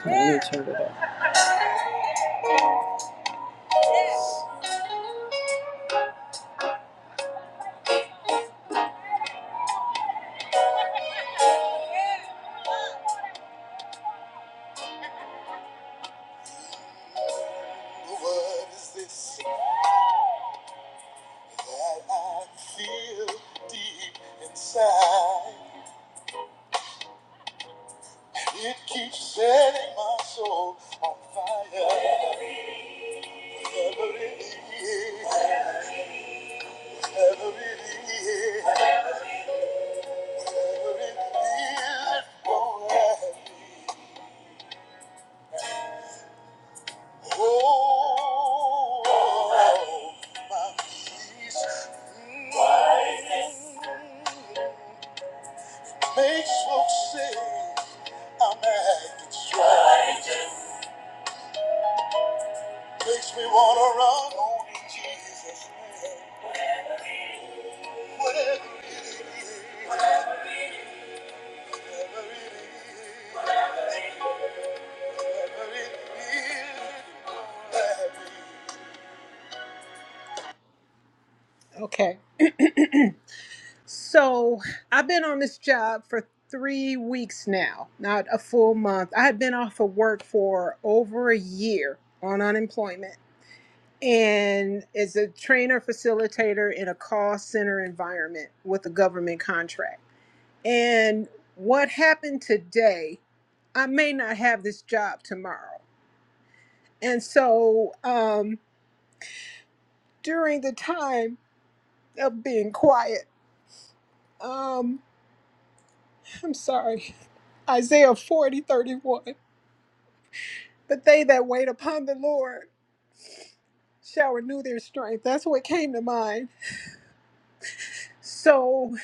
S4: Hold on, Let me turn it up. What is this? that I feel deep inside. It keeps setting my soul on fire. Never really, is, never really, is, never really won't Oh, my peace. Mm. Makes folks say I'm acting strange. Makes me wanna run on in Jesus' name. Whatever it is, whatever it is, whatever it is. Okay, (clears throat) so I've been on this job for three weeks now, not a full month. I had been off of work for over a year on unemployment. and is a trainer facilitator in a call center environment with a government contract. And what happened today, I may not have this job tomorrow. And so um, during the time of being quiet, um, (laughs) I'm sorry, Isaiah 40 31. but they that wait upon the Lord shall renew their strength. That's what came to mind. So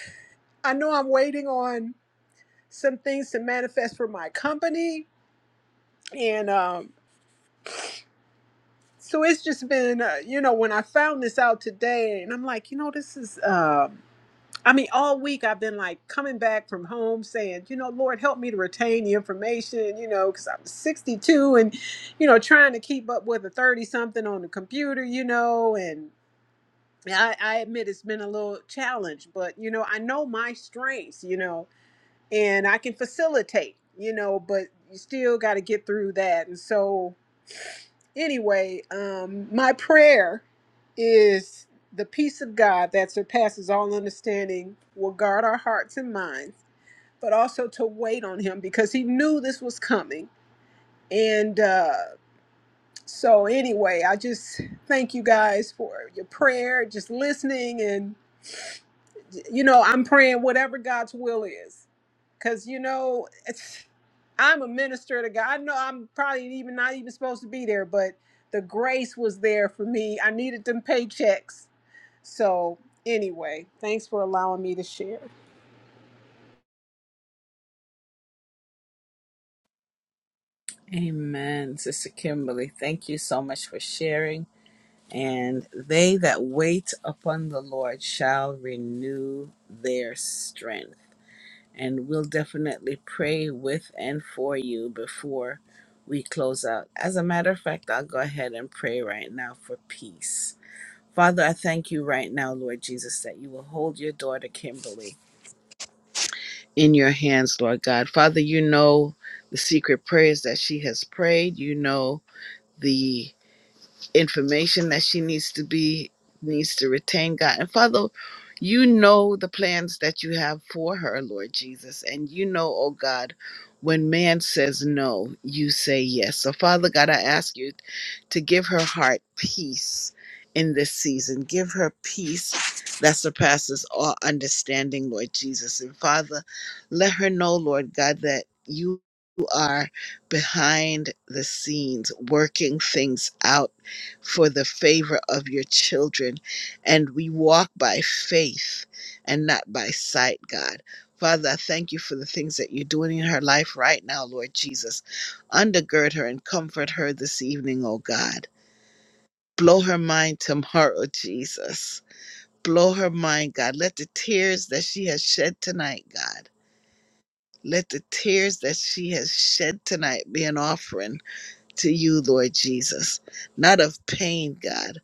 S4: I know I'm waiting on. some things to manifest for my company. And um, so it's just been, uh, you know, when I found this out today, and I'm like, you know, this is, um I mean, all week I've been like coming back from home saying, you know, Lord, help me to retain the information, you know, because I'm 62 and, you know, trying to keep up with a 30 something on the computer, you know, and I, I admit it's been a little challenge, but, you know, I know my strengths, you know, and I can facilitate, you know, but you still got to get through that. And so, anyway, um, my prayer is the peace of God that surpasses all understanding will guard our hearts and minds, but also to wait on Him because He knew this was coming. And uh, so, anyway, I just thank you guys for your prayer, just listening and you know, I'm praying whatever God's will is. Cause you know, it's, I'm a minister to God. I know I'm probably even not even supposed to be there, but the grace was there for me. I needed them paychecks. So anyway, thanks for allowing me to share.
S1: Amen, Sister Kimberly. Thank you so much for sharing. And they that wait upon the Lord shall renew their strength. And we'll definitely pray with and for you before we close out. As a matter of fact, I'll go ahead and pray right now for peace. Father, I thank you right now, Lord Jesus, that you will hold your daughter Kimberly in your hands, Lord God. Father, you know the secret prayers that she has prayed. You know the information that she needs to be needs to retain god and father you know the plans that you have for her lord jesus and you know oh god when man says no you say yes so father god i ask you to give her heart peace in this season give her peace that surpasses all understanding lord jesus and father let her know lord god that you are behind the scenes working things out for the favor of your children. And we walk by faith and not by sight, God. Father, I thank you for the things that you're doing in her life right now, Lord Jesus. Undergird her and comfort her this evening, oh God. Blow her mind tomorrow, Jesus. Blow her mind, God. Let the tears that she has shed tonight, God, let the tears that she has shed tonight be an offering to you, Lord Jesus, not of pain, God,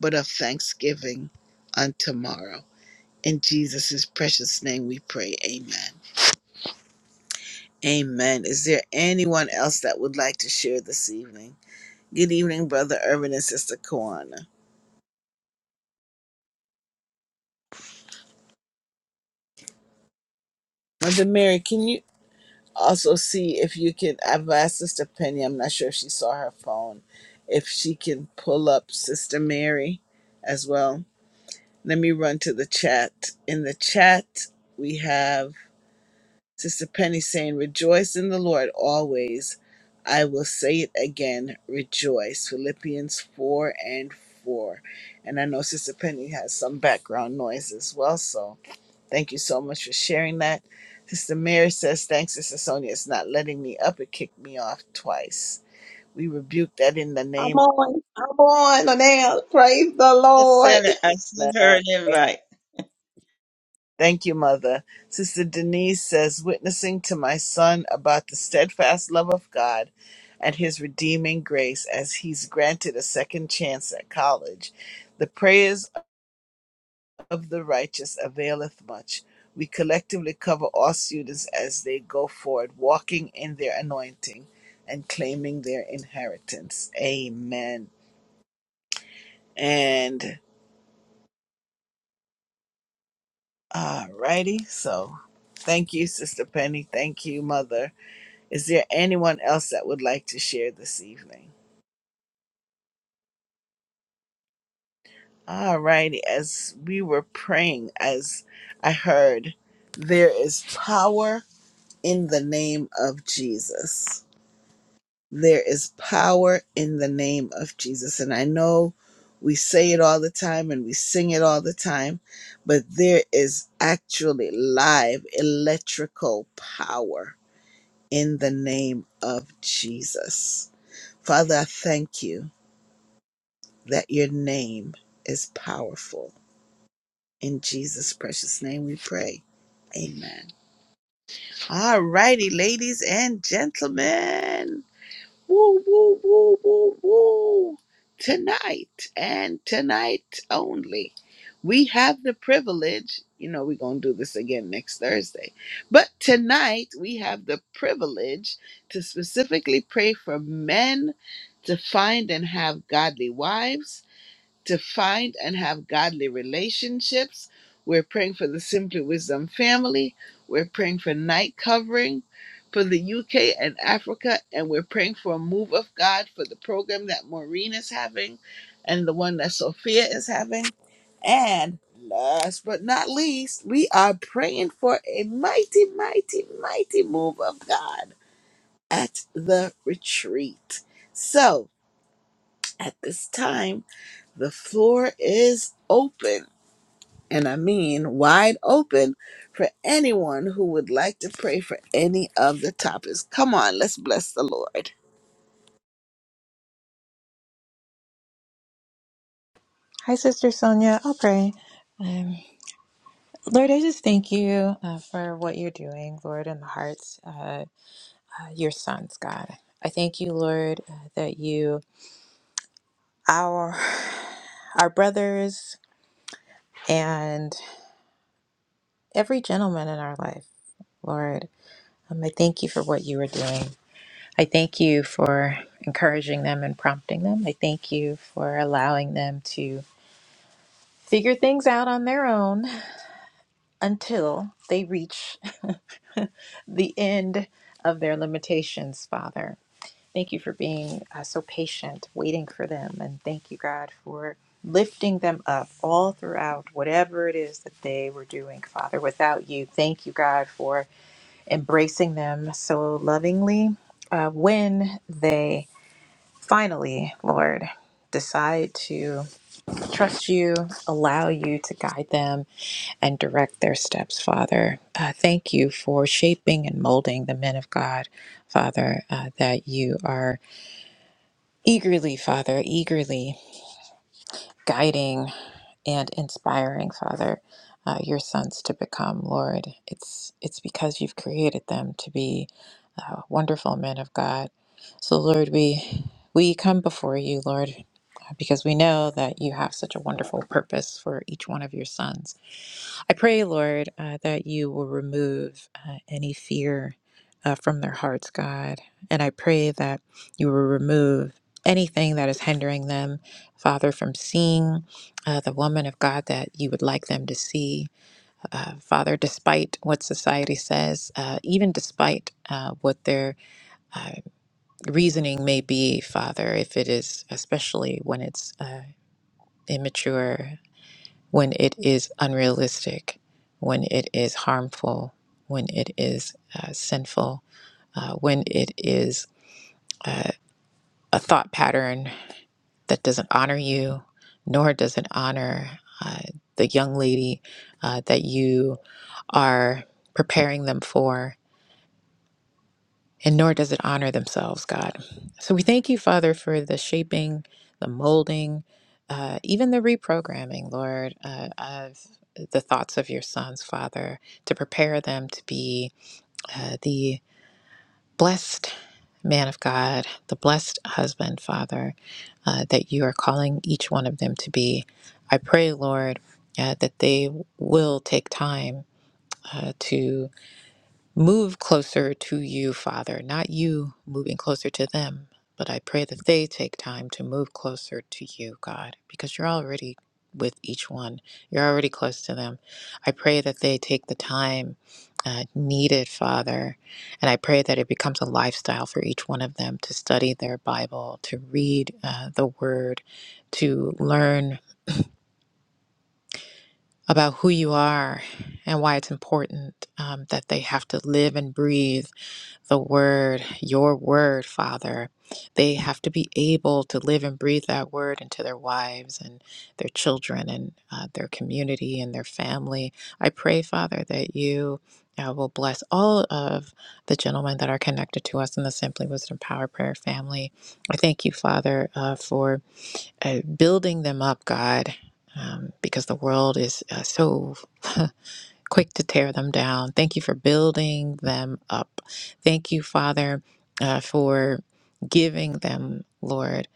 S1: but of thanksgiving on tomorrow. In Jesus' precious name we pray. Amen. Amen. Is there anyone else that would like to share this evening? Good evening, Brother Urban and Sister Kawana. Mother Mary, can you also see if you can? I've asked Sister Penny, I'm not sure if she saw her phone, if she can pull up Sister Mary as well. Let me run to the chat. In the chat, we have. Sister Penny saying, Rejoice in the Lord always. I will say it again, rejoice. Philippians 4 and 4. And I know Sister Penny has some background noise as well, so thank you so much for sharing that. Sister Mary says, Thanks, Sister Sonia. It's not letting me up. It kicked me off twice. We rebuke that in the
S6: I'm
S1: name.
S6: on. I'm on now. Praise the
S3: I
S6: Lord.
S3: sent, it, I
S1: of
S3: sent her
S1: God.
S3: an invite.
S1: Thank you, Mother. Sister Denise says, witnessing to my son about the steadfast love of God and his redeeming grace as he's granted a second chance at college. The prayers of the righteous availeth much. We collectively cover all students as they go forward, walking in their anointing and claiming their inheritance. Amen. And alrighty, so thank you, Sister Penny. Thank you, Mother. Is there anyone else that would like to share this evening? All righty. As we were praying, as I heard, there is power in the name of Jesus. There is power in the name of Jesus. And I know we say it all the time and we sing it all the time, but there is actually live electrical power in the name of Jesus. Father, I thank you. that your name is powerful. In Jesus' precious name we pray. Amen. All righty, ladies and gentlemen. Woo, woo, woo, woo, woo. Tonight and tonight only, we have the privilege. You know, we're going to do this again next Thursday. But tonight, we have the privilege to specifically pray for men to find and have godly wives to find and have godly relationships. We're praying for the Simply Wisdom family. We're praying for night covering for the UK and Africa. And we're praying for a move of God for the program that Maureen is having and the one that Sophia is having. And last but not least, we are praying for a mighty, mighty, mighty move of God at the retreat. So at this time, the floor is open, and I mean wide open, for anyone who would like to pray for any of the topics. Come on, let's bless the Lord.
S7: Hi, Sister Sonia. I'll pray. Um, Lord, I just thank you uh, for what you're doing, Lord, in the hearts uh, uh, your sons, God. I thank you, Lord, uh, that you, our our brothers, and every gentleman in our life, Lord. Um, I thank you for what you are doing. I thank you for encouraging them and prompting them. I thank you for allowing them to figure things out on their own until they reach the end of their limitations, Father. Thank you for being uh, so patient, waiting for them. And thank you, God, for lifting them up all throughout whatever it is that they were doing, Father, without you. Thank you, God, for embracing them so lovingly uh, when they finally, Lord, decide to trust you, allow you to guide them and direct their steps, Father. Uh, thank you for shaping and molding the men of God, Father, uh, that you are eagerly, Father, eagerly guiding and inspiring, Father. Uh, your sons to become, Lord, it's it's because you've created them to be uh, wonderful men of God. So, Lord, we we come before you, Lord, uh, because we know that you have such a wonderful purpose for each one of your sons. I pray, Lord, uh, that you will remove uh, any fear uh, from their hearts, God. And I pray that you will remove anything that is hindering them, Father, from seeing uh, the woman of God that you would like them to see. Uh, Father, despite what society says, uh, even despite uh, what their uh, reasoning may be, Father, if it is, especially when it's uh, immature, when it is unrealistic, when it is harmful, when it is uh, sinful, uh, when it is uh, a thought pattern that doesn't honor you, nor does it honor uh, the young lady uh, that you are preparing them for and nor does it honor themselves, God. So we thank you, Father, for the shaping, the molding, uh, even the reprogramming, Lord, uh, of the thoughts of your sons, Father, to prepare them to be uh, the blessed man of God, the blessed husband, Father, uh, that you are calling each one of them to be. I pray, Lord, uh, that they will take time uh, to. Move closer to you, Father, not you moving closer to them, but I pray that they take time to move closer to you, God, because you're already with each one. You're already close to them. I pray that they take the time uh, needed, Father, and I pray that it becomes a lifestyle for each one of them to study their Bible, to read uh, the Word, to learn about who you are and why it's important um, that they have to live and breathe the word, your word, Father. They have to be able to live and breathe that word into their wives and their children and uh, their community and their family. I pray, Father, that you uh, will bless all of the gentlemen that are connected to us in the Simply Wisdom Power Prayer family. I thank you, Father, uh, for uh, building them up, God. Um, because the world is uh, so (laughs) quick to tear them down. Thank you for building them up. Thank you, Father, uh, for giving them, Lord,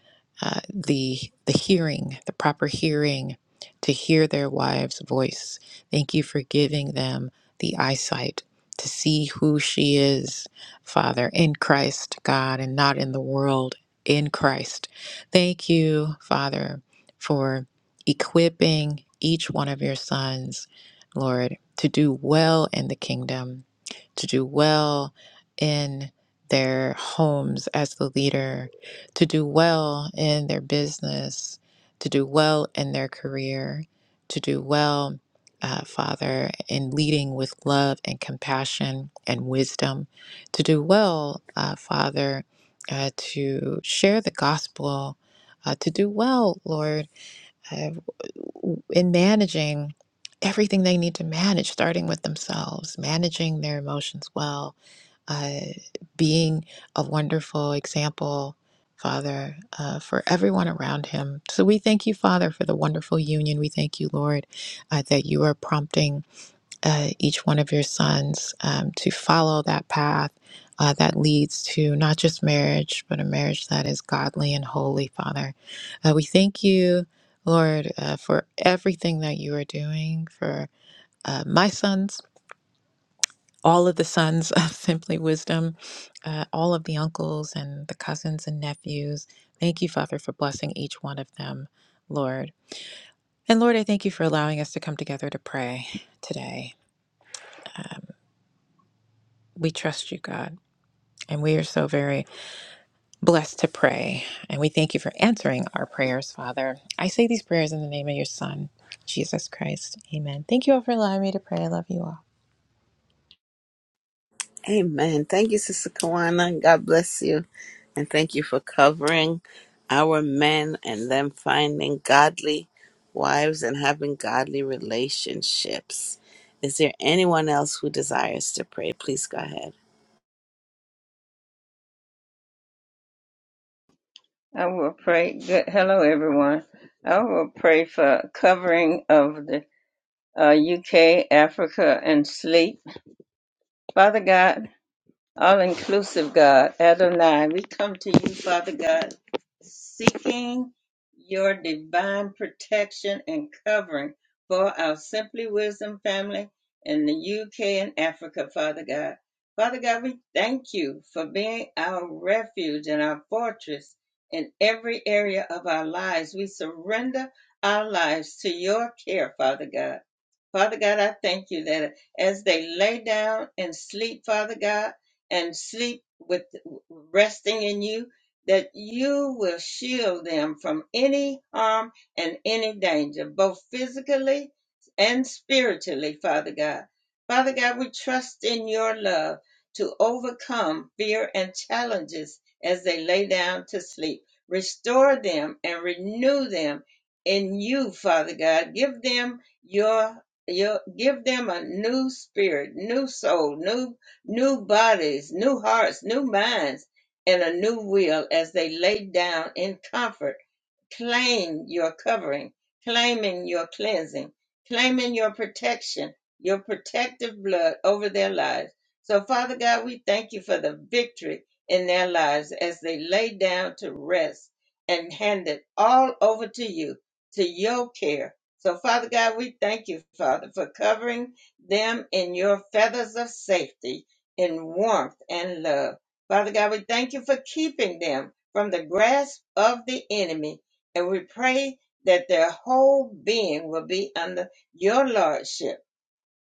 S7: uh, the the hearing, the proper hearing to hear their wives' voice. Thank you for giving them the eyesight to see who she is, Father, in Christ, God, and not in the world, in Christ. Thank you, Father, for equipping each one of your sons, Lord to do well in the kingdom, to do well in their homes as the leader, to do well in their business, to do well in their career, to do well, uh, Father, in leading with love and compassion and wisdom, to do well, uh, Father, uh, to share the gospel, uh, to do well, Lord have in managing everything they need to manage, starting with themselves, managing their emotions well, uh, being a wonderful example, Father, uh, for everyone around him. So we thank you, Father, for the wonderful union. We thank you, Lord, uh, that you are prompting uh, each one of your sons um, to follow that path uh, that leads to not just marriage, but a marriage that is godly and holy, Father. Uh, we thank you, Lord, uh, for everything that you are doing for uh, my sons. All of the sons (laughs) of Simply Wisdom, uh, all of the uncles and the cousins and nephews. Thank you, Father, for blessing each one of them, Lord. And Lord, I thank you for allowing us to come together to pray today. Uh, we trust you, God. And we are so very blessed to pray. And we thank you for answering our prayers, Father. I say these prayers in the name of your Son, Jesus Christ. Amen. Thank you all for allowing me to pray. I love you all.
S1: Amen. Thank you, Sister Kawana. God bless you. And thank you for covering our men and them finding godly wives and having godly relationships. Is there anyone else who desires to pray? Please go ahead.
S3: I will pray. Good. Hello, everyone. I will pray for covering of the uh, UK, Africa, and sleep. Father God, All inclusive God, Adonai, we come to you, Father God, seeking your divine protection and covering for our Simply Wisdom family in the UK and Africa, Father God. Father God, we thank you for being our refuge and our fortress in every area of our lives. We surrender our lives to your care, Father God. Father God, I thank you that as they lay down and sleep, Father God, and sleep with resting in you, that you will shield them from any harm and any danger, both physically and spiritually, Father God. Father God, we trust in your love to overcome fear and challenges as they lay down to sleep. Restore them and renew them in you, Father God. Give them your, your give them a new spirit, new soul, new new bodies, new hearts, new minds, and a new will as they lay down in comfort. Claim your covering, claiming your cleansing, claiming your protection, your protective blood over their lives. So, Father God, we thank you for the victory in their lives as they lay down to rest and hand it all over to you, to your care. So, Father God, we thank you, Father, for covering them in your feathers of safety in warmth and love. Father God, we thank you for keeping them from the grasp of the enemy. And we pray that their whole being will be under your lordship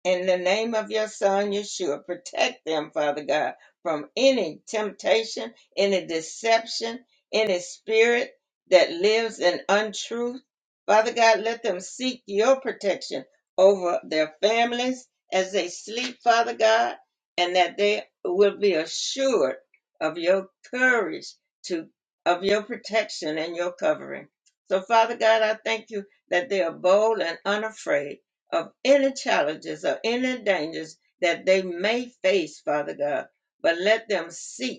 S3: in the name of your son Yeshua. Protect them, Father God, from any temptation, any deception, any spirit that lives in untruth. Father God, let them seek your protection over their families as they sleep, Father God, and that they will be assured of your courage to of your protection and your covering. So Father God, I thank you that they are bold and unafraid of any challenges or any dangers that they may face, Father God, but let them seek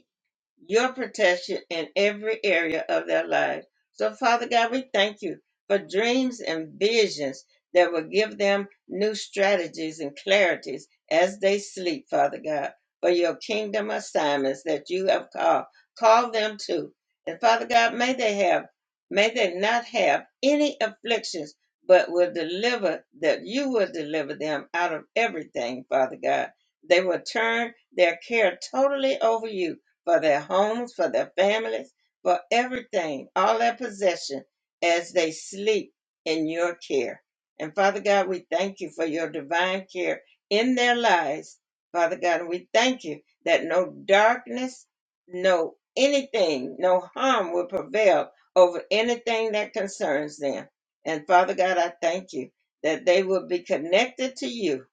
S3: your protection in every area of their lives. So, Father God, we thank you for dreams and visions that will give them new strategies and clarities as they sleep, Father God, for your kingdom assignments that you have called. Call them to. And Father God, may they have, may they not have any afflictions, but will deliver, that you will deliver them out of everything, Father God. They will turn their care totally over you for their homes, for their families, for everything, all their possession as they sleep in your care. And Father God, we thank you for your divine care in their lives. Father God, and we thank you that no darkness, no anything, no harm will prevail over anything that concerns them. And Father God, I thank you that they will be connected to you,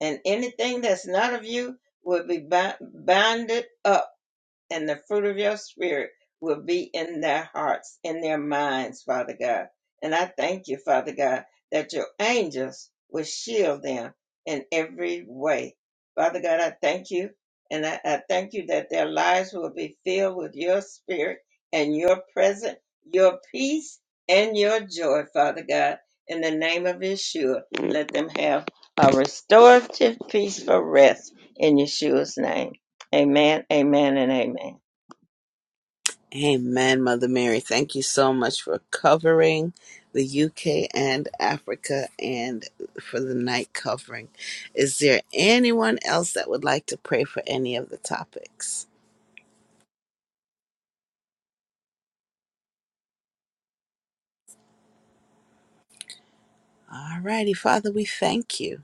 S3: and anything that's not of you will be bi- bounded up and the fruit of your spirit will be in their hearts, in their minds, Father God. And I thank you, Father God, that your angels will shield them in every way. Father God, I thank you. And I, I thank you that their lives will be filled with your spirit and your presence, your peace, and your joy, Father God. In the name of Yeshua, let them have a restorative, peaceful rest in Yeshua's name. Amen, amen, and amen.
S1: Amen, Mother Mary. Thank you so much for covering the UK and Africa and for the night covering. Is there anyone else that would like to pray for any of the topics? All righty, Father, we thank you.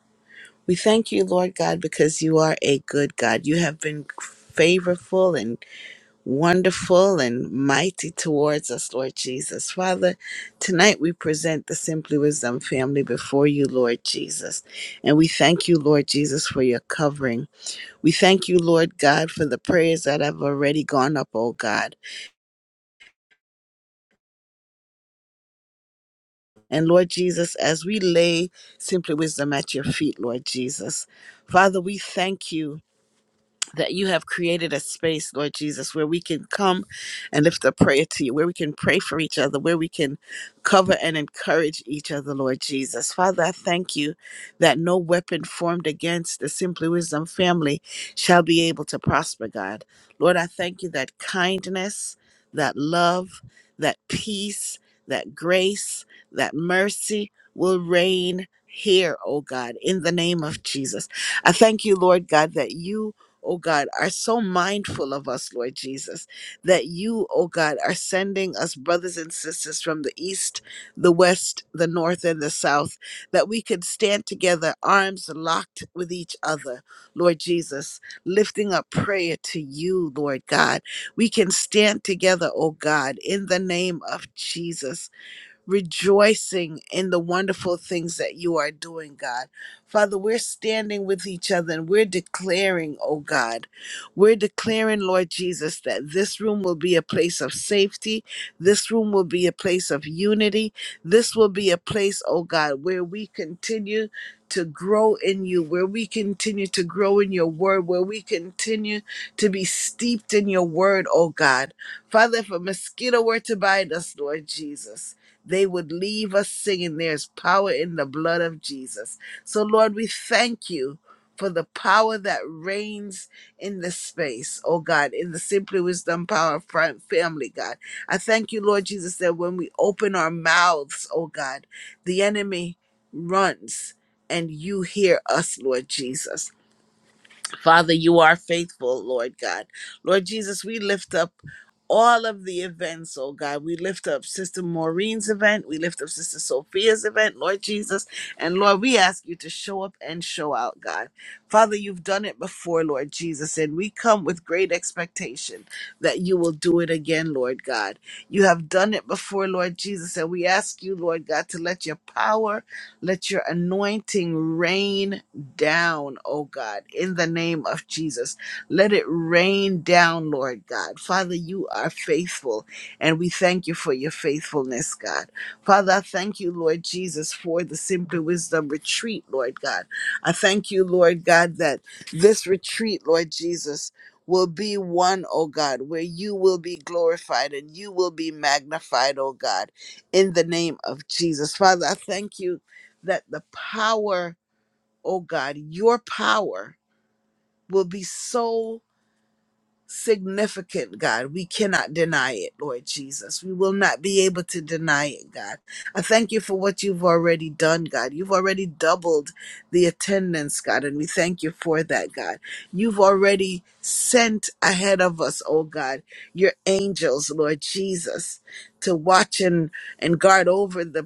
S1: We thank you, Lord God, because you are a good God. You have been favorable and wonderful and mighty towards us, Lord Jesus. Father, tonight we present the Simply Wisdom family before you, Lord Jesus. And we thank you, Lord Jesus, for your covering. We thank you, Lord God, for the prayers that have already gone up, oh God. And Lord Jesus, as we lay Simply Wisdom at your feet, Lord Jesus, Father, we thank you. that you have created a space, Lord Jesus, where we can come and lift a prayer to you, where we can pray for each other, where we can cover and encourage each other, Lord Jesus. Father, I thank you that no weapon formed against the Simply Wisdom family shall be able to prosper, God. Lord, I thank you that kindness, that love, that peace, that grace, that mercy will reign here, oh God, in the name of Jesus. I thank you, Lord God, that you oh God, are so mindful of us, Lord Jesus, that you, oh God, are sending us brothers and sisters from the east, the west, the north, and the south, that we could stand together, arms locked with each other, Lord Jesus, lifting up prayer to you, Lord God. We can stand together, oh God, in the name of Jesus rejoicing in the wonderful things that you are doing, God. Father, we're standing with each other and we're declaring, oh God, we're declaring, Lord Jesus, that this room will be a place of safety. This room will be a place of unity. This will be a place, oh God, where we continue to grow in you, where we continue to grow in your word, where we continue to be steeped in your word, oh God. Father, if a mosquito were to bite us, Lord Jesus, they would leave us singing, There's power in the blood of Jesus. So, Lord, we thank you for the power that reigns in this space, oh God, in the Simply Wisdom Power Fam- family, God. I thank you, Lord Jesus, that when we open our mouths, oh God, the enemy runs. And you hear us, Lord Jesus. Father, you are faithful, Lord God. Lord Jesus, we lift up all of the events, oh God. We lift up Sister Maureen's event. We lift up Sister Sophia's event, Lord Jesus. And Lord, we ask you to show up and show out, God. Father, you've done it before, Lord Jesus, and we come with great expectation that you will do it again, Lord God. You have done it before, Lord Jesus, and we ask you, Lord God, to let your power let your anointing rain down, oh God, in the name of Jesus. Let it rain down, Lord God. Father, you are faithful, and we thank you for your faithfulness, God. Father, I thank you, Lord Jesus, for the Simply Wisdom retreat, Lord God. I thank you, Lord God, that this retreat, Lord Jesus, will be one, oh God, where you will be glorified and you will be magnified, oh God, in the name of Jesus. Father, I thank you that the power, oh God, your power will be so significant, God. We cannot deny it, Lord Jesus. We will not be able to deny it, God. I thank you for what you've already done, God. You've already doubled the attendance, God, and we thank you for that, God. You've already sent ahead of us, oh God, your angels, Lord Jesus, to watch and, and guard over the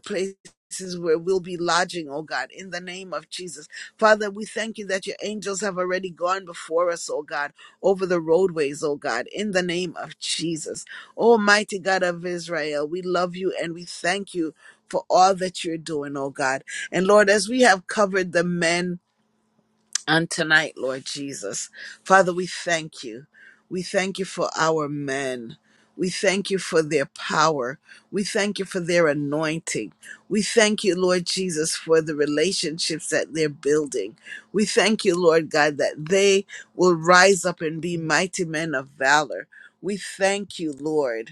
S1: places where we'll be lodging, oh God, in the name of Jesus. Father, we thank you that your angels have already gone before us, oh God, over the roadways, oh God, in the name of Jesus. Almighty God of Israel, we love you and we thank you for all that you're doing, oh God. And Lord, as we have covered the men, on tonight, Lord Jesus. Father, we thank you. We thank you for our men. We thank you for their power. We thank you for their anointing. We thank you, Lord Jesus, for the relationships that they're building. We thank you, Lord God, that they will rise up and be mighty men of valor. We thank you, Lord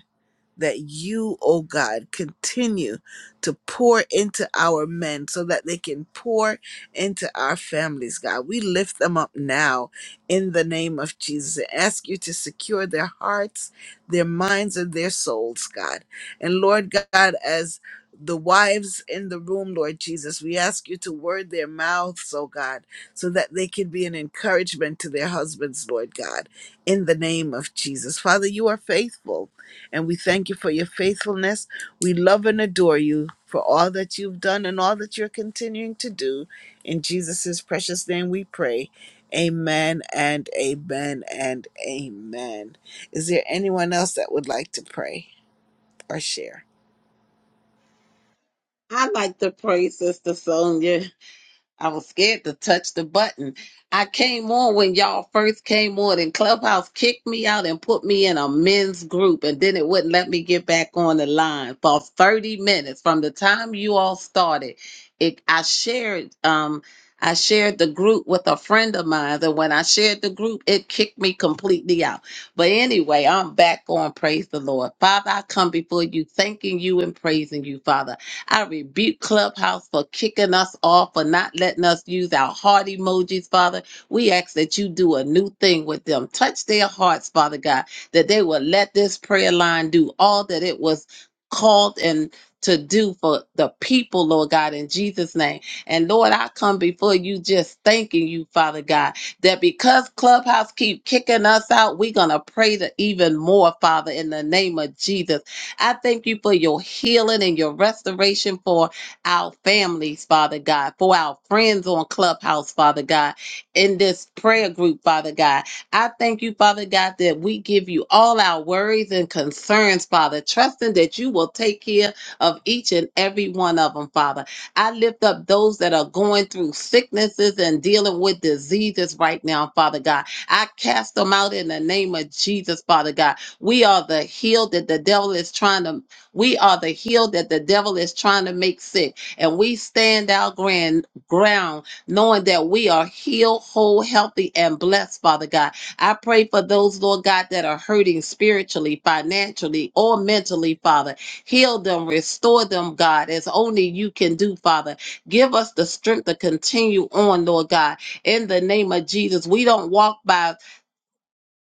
S1: that you, oh God, continue to pour into our men so that they can pour into our families, God. We lift them up now in the name of Jesus and ask you to secure their hearts, their minds, and their souls, God. And Lord God, as the wives in the room, Lord Jesus, we ask you to word their mouths, oh God, so that they can be an encouragement to their husbands, Lord God, in the name of Jesus. Father, you are faithful and we thank you for your faithfulness. We love and adore you for all that you've done and all that you're continuing to do. In Jesus' precious name we pray. Amen and amen and amen. Is there anyone else that would like to pray or share?
S6: I like to praise Sister Sonia. I was scared to touch the button. I came on when y'all first came on, and Clubhouse kicked me out and put me in a men's group, and then it wouldn't let me get back on the line for 30 minutes from the time you all started. It, I shared, um, I shared the group with a friend of mine, and when I shared the group, it kicked me completely out. But anyway, I'm back on. Praise the Lord, Father. I come before you, thanking you and praising you, Father. I rebuke Clubhouse for kicking us off, for not letting us use our heart emojis, Father. We ask that you do a new thing with them. Touch their hearts, Father God, that they will let this prayer line do all that it was called and to do for the people, Lord God, in Jesus' name. And Lord, I come before you just thanking you, Father God, that because Clubhouse keep kicking us out, we're gonna pray to even more, Father, in the name of Jesus. I thank you for your healing and your restoration for our families, Father God, for our friends on Clubhouse, Father God, in this prayer group, Father God. I thank you, Father God, that we give you all our worries and concerns, Father, trusting that you will take care of each and every one of them, Father. I lift up those that are going through sicknesses and dealing with diseases right now, Father God. I cast them out in the name of Jesus, Father God. We are the healed that the devil is trying to, we are the healed that the devil is trying to make sick. And we stand our grand ground knowing that we are healed, whole, healthy, and blessed, Father God. I pray for those, Lord God, that are hurting spiritually, financially, or mentally, Father. Heal them, restore them, God, as only you can do, Father. Give us the strength to continue on, Lord God. In the name of Jesus, we don't walk by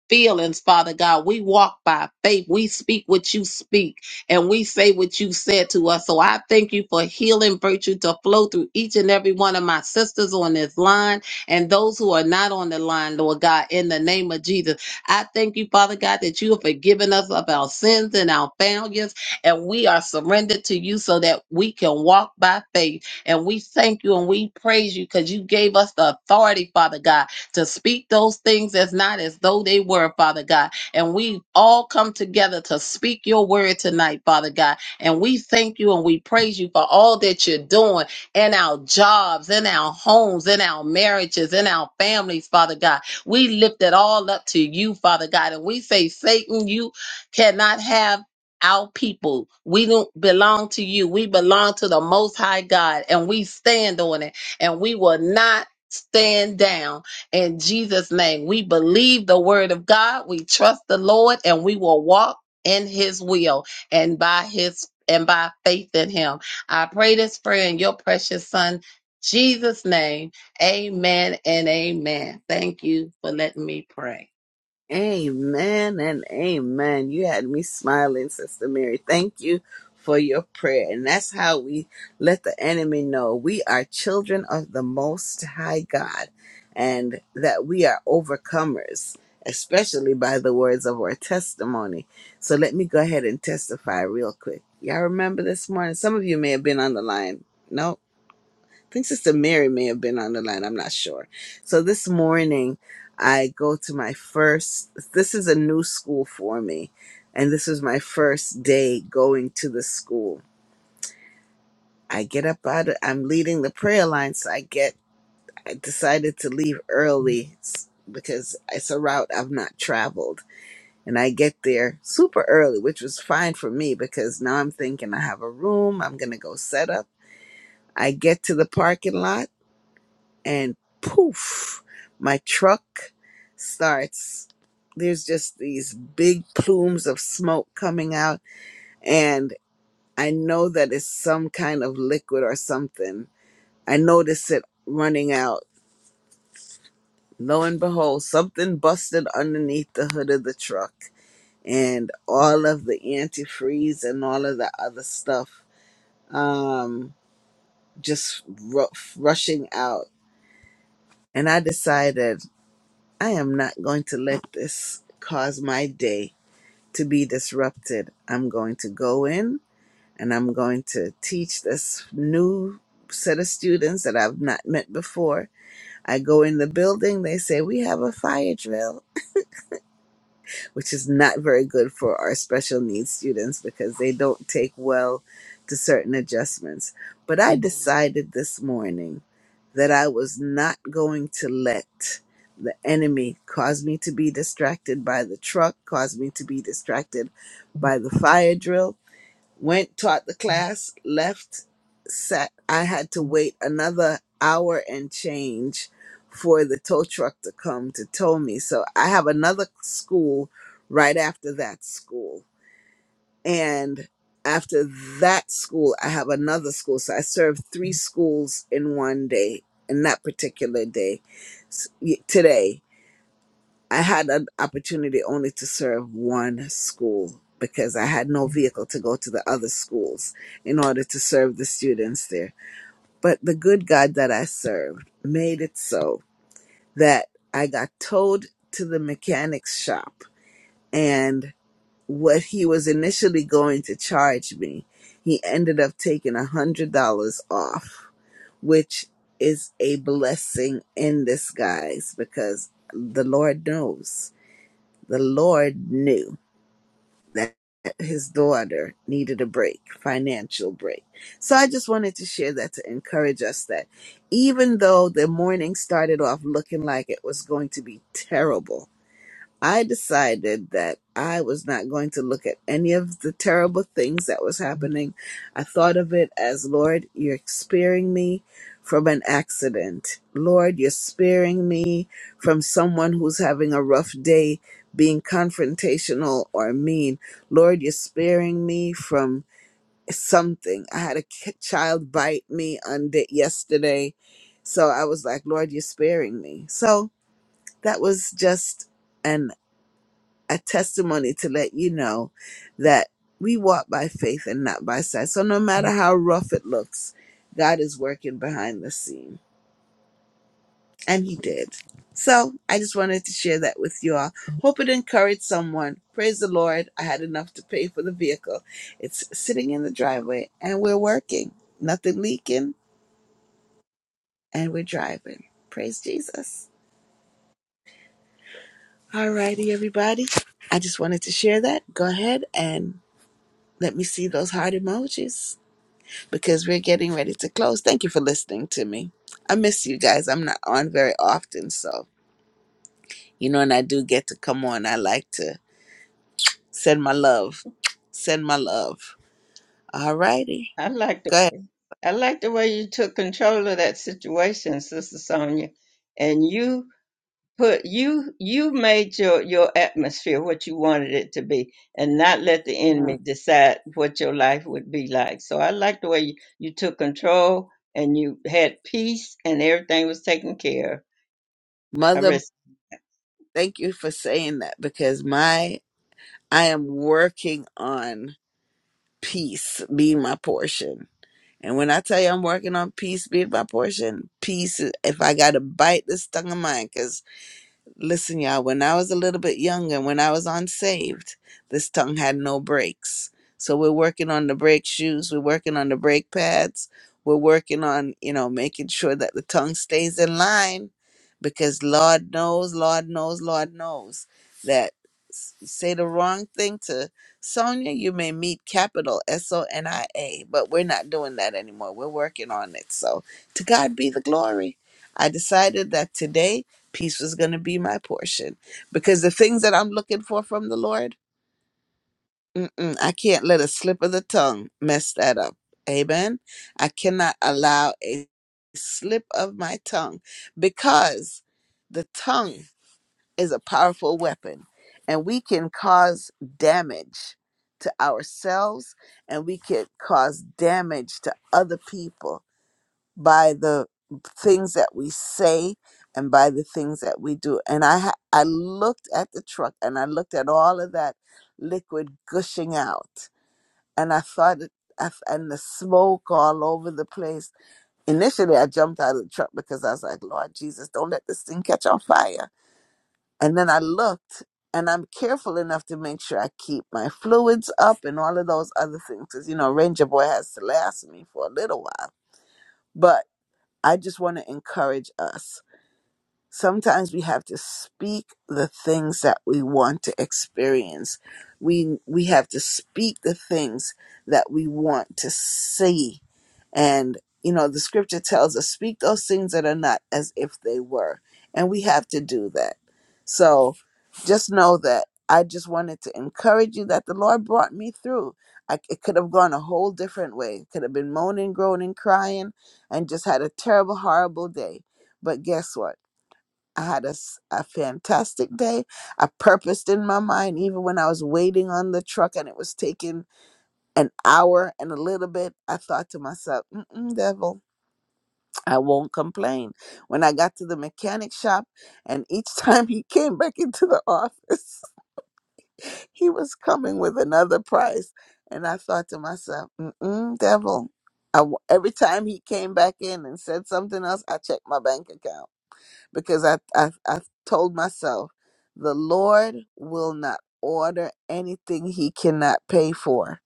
S6: feelings, Father God. We walk by faith. We speak what you speak and we say what you said to us. So I thank you for healing virtue to flow through each and every one of my sisters on this line and those who are not on the line, Lord God, in the name of Jesus. I thank you, Father God, that you have forgiven us of our sins and our failures and we are surrendered to you so that we can walk by faith. And we thank you and we praise you because you gave us the authority, Father God to speak those things as not as though they were, Father God. And we all come together to speak your word tonight, Father God. And we thank you and we praise you for all that you're doing in our jobs, in our homes, in our marriages, in our families, Father God. We lift it all up to you, Father God. And we say, Satan, you cannot have our people. We don't belong to you. We belong to the Most High God, and we stand on it, and we will not stand down. In Jesus' name, we believe the word of God. We trust the Lord and we will walk in his will and by his and by faith in him. I pray this prayer in your precious son, Jesus' name. Amen and amen. Thank you for letting me pray.
S1: Amen and amen. You had me smiling, Sister Mary. Thank you for your prayer. And that's how we let the enemy know we are children of the Most High God and that we are overcomers, especially by the words of our testimony. So let me go ahead and testify real quick. Y'all remember this morning? Some of you may have been on the line. No? I think Sister Mary may have been on the line. I'm not sure. So this morning, I go to my first. This is a new school for me, and this is my first day going to the school. I get up out. Of, I'm leading the prayer line, so I get. I decided to leave early s- because it's a route I've not traveled, and I get there super early, which was fine for me because now I'm thinking I have a room. I'm gonna go set up. I get to the parking lot and poof, my truck starts. There's just these big plumes of smoke coming out, and I know that it's some kind of liquid or something. I notice it running out. Lo and behold, something busted underneath the hood of the truck, and all of the antifreeze and all of the other stuff um, just ru- rushing out. And I decided. I am not going to let this cause my day to be disrupted. I'm going to go in and I'm going to teach this new set of students that I've not met before. I go in the building, they say, We have a fire drill which is not very good for our special needs students because they don't take well to certain adjustments. But I decided this morning that I was not going to let the enemy cause me to be distracted by the truck, cause me to be distracted by the fire drill, went taught the class left sat i had to wait another hour and change for the tow truck to come to tow me so i have another school right after that school and after that school i have another school so i served three schools in one day in that particular day s- y- today I had an opportunity only to serve one school because I had no vehicle to go to the other schools in order to serve the students there. But the good God that I served made it so that I got towed to the mechanic's shop and what he was initially going to charge me, he ended up taking a hundred dollars off, which is a blessing in disguise because the Lord knows the Lord knew that his daughter needed a break, financial break. So I just wanted to share that to encourage us that even though the morning started off looking like it was going to be terrible, I decided that I was not going to look at any of the terrible things that was happening. I thought of it as, Lord, you're sparing me from an accident. Lord, you're sparing me from someone who's having a rough day being confrontational or mean. Lord, you're sparing me from something. I had a ki- child bite me on day- yesterday. So I was like, Lord, you're sparing me. So that was just. an a testimony to let you know that we walk by faith and not by sight. So no matter how rough it looks, God is working behind the scene. And he did. So I just wanted to share that with you all. Hope it encouraged someone. Praise the Lord. I had enough to pay for the vehicle. It's sitting in the driveway and we're working. Nothing leaking and we're driving. Praise Jesus. All righty, everybody. I just wanted to share that. Go ahead and let me see those heart emojis. because we're getting ready to close. Thank you for listening to me. I miss you guys. I'm not on very often, so you know, and I do get to come on. I like to send my love, send my love. All righty,
S3: I like the
S1: go ahead,
S3: I like the way you took control of that situation, Sister Sonia, and you put you you made your your atmosphere what you wanted it to be, and not let the enemy decide what your life would be like. So I like the way you, you took control and you had peace, and everything was taken care of. I
S1: Mother.
S3: rest
S1: Thank you for saying that because my I am working on peace being my portion. And when I tell you I'm working on peace being my portion, peace. is- If I got to bite this tongue of mine, 'cause Listen, y'all, when I was a little bit younger, when I was unsaved, this tongue had no brakes. So we're working on the brake shoes, we're working on the brake pads, we're working on, you know, making sure that the tongue stays in line because Lord knows, Lord knows, Lord knows that s- say the wrong thing to Sonia, you may meet capital S O N I A, but we're not doing that anymore. We're working on it. So to God be the glory. I decided that today Peace was going to be my portion because the things that I'm looking for from the Lord, mm-mm, I can't let a slip of the tongue mess that up. Amen. I cannot allow a slip of my tongue because the tongue is a powerful weapon and we can cause damage to ourselves and we can cause damage to other people by the things that we say and by the things that we do. And I ha- I looked at the truck and I looked at all of that liquid gushing out, and I thought it. I f- And the smoke all over the place. Initially, I jumped out of the truck because I was like, Lord Jesus, don't let this thing catch on fire. And then I looked, and I'm careful enough to make sure I keep my fluids up and all of those other things. Because, you know, Ranger Boy has to last me for a little while. I just want to encourage us sometimes we have to speak the things that we want to experience we we have to speak the things that we want to see and you know the scripture tells us speak those things that are not as if they were and we have to do that so just know that i just wanted to encourage you that the lord brought me through I, it could have gone a whole different way it could have been moaning groaning crying and just had a terrible horrible day but guess what I had a, s- a fantastic day. I purposed in my mind, even when I was waiting on the truck and it was taking an hour and a little bit, I thought to myself, Mm-mm, devil, I won't complain. When I got to the mechanic shop, and each (laughs) time he came back into the office, (laughs) he was coming with another price. And I thought to myself, Mm-mm, devil, I w every time he came back in and said something else, I checked my bank account because I, I I've told myself the Lord will not order anything he cannot pay for.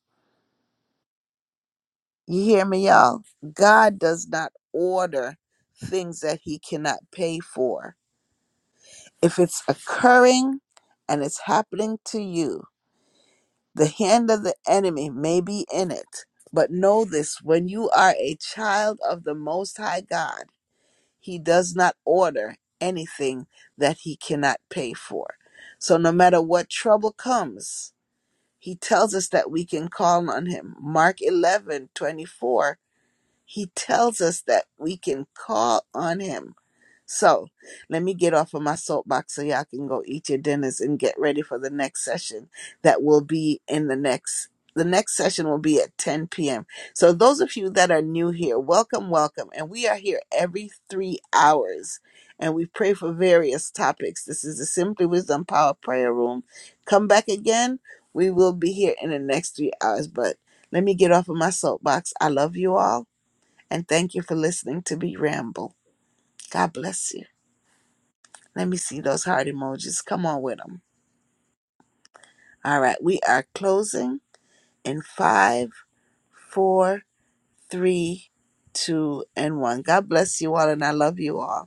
S1: You hear me, y'all? God does not order things that he cannot pay for. If it's occurring and it's happening to you, the hand of the enemy may be in it. But know this when you are a child of the Most High God, He does not order anything that he cannot pay for. So no matter what trouble comes, he tells us that we can call on him. Mark eleven twenty four. he tells us that we can call on him so let me get off of my soapbox so y'all can go eat your dinners and get ready for the next session that will be in the next the next session will be at 10 p.m. So those of you that are new here, welcome, welcome. And we are here every three hours and we pray for various topics. This is the Simply Wisdom Power Prayer Room. Come back again. We will be here in the next three hours. But let me get off of my soapbox. I love you all and thank you for listening to me ramble. God bless you. Let me see those heart emojis. Come on with them. All right, we are closing in five, four, three, two, and one. God bless you all, and I love you all.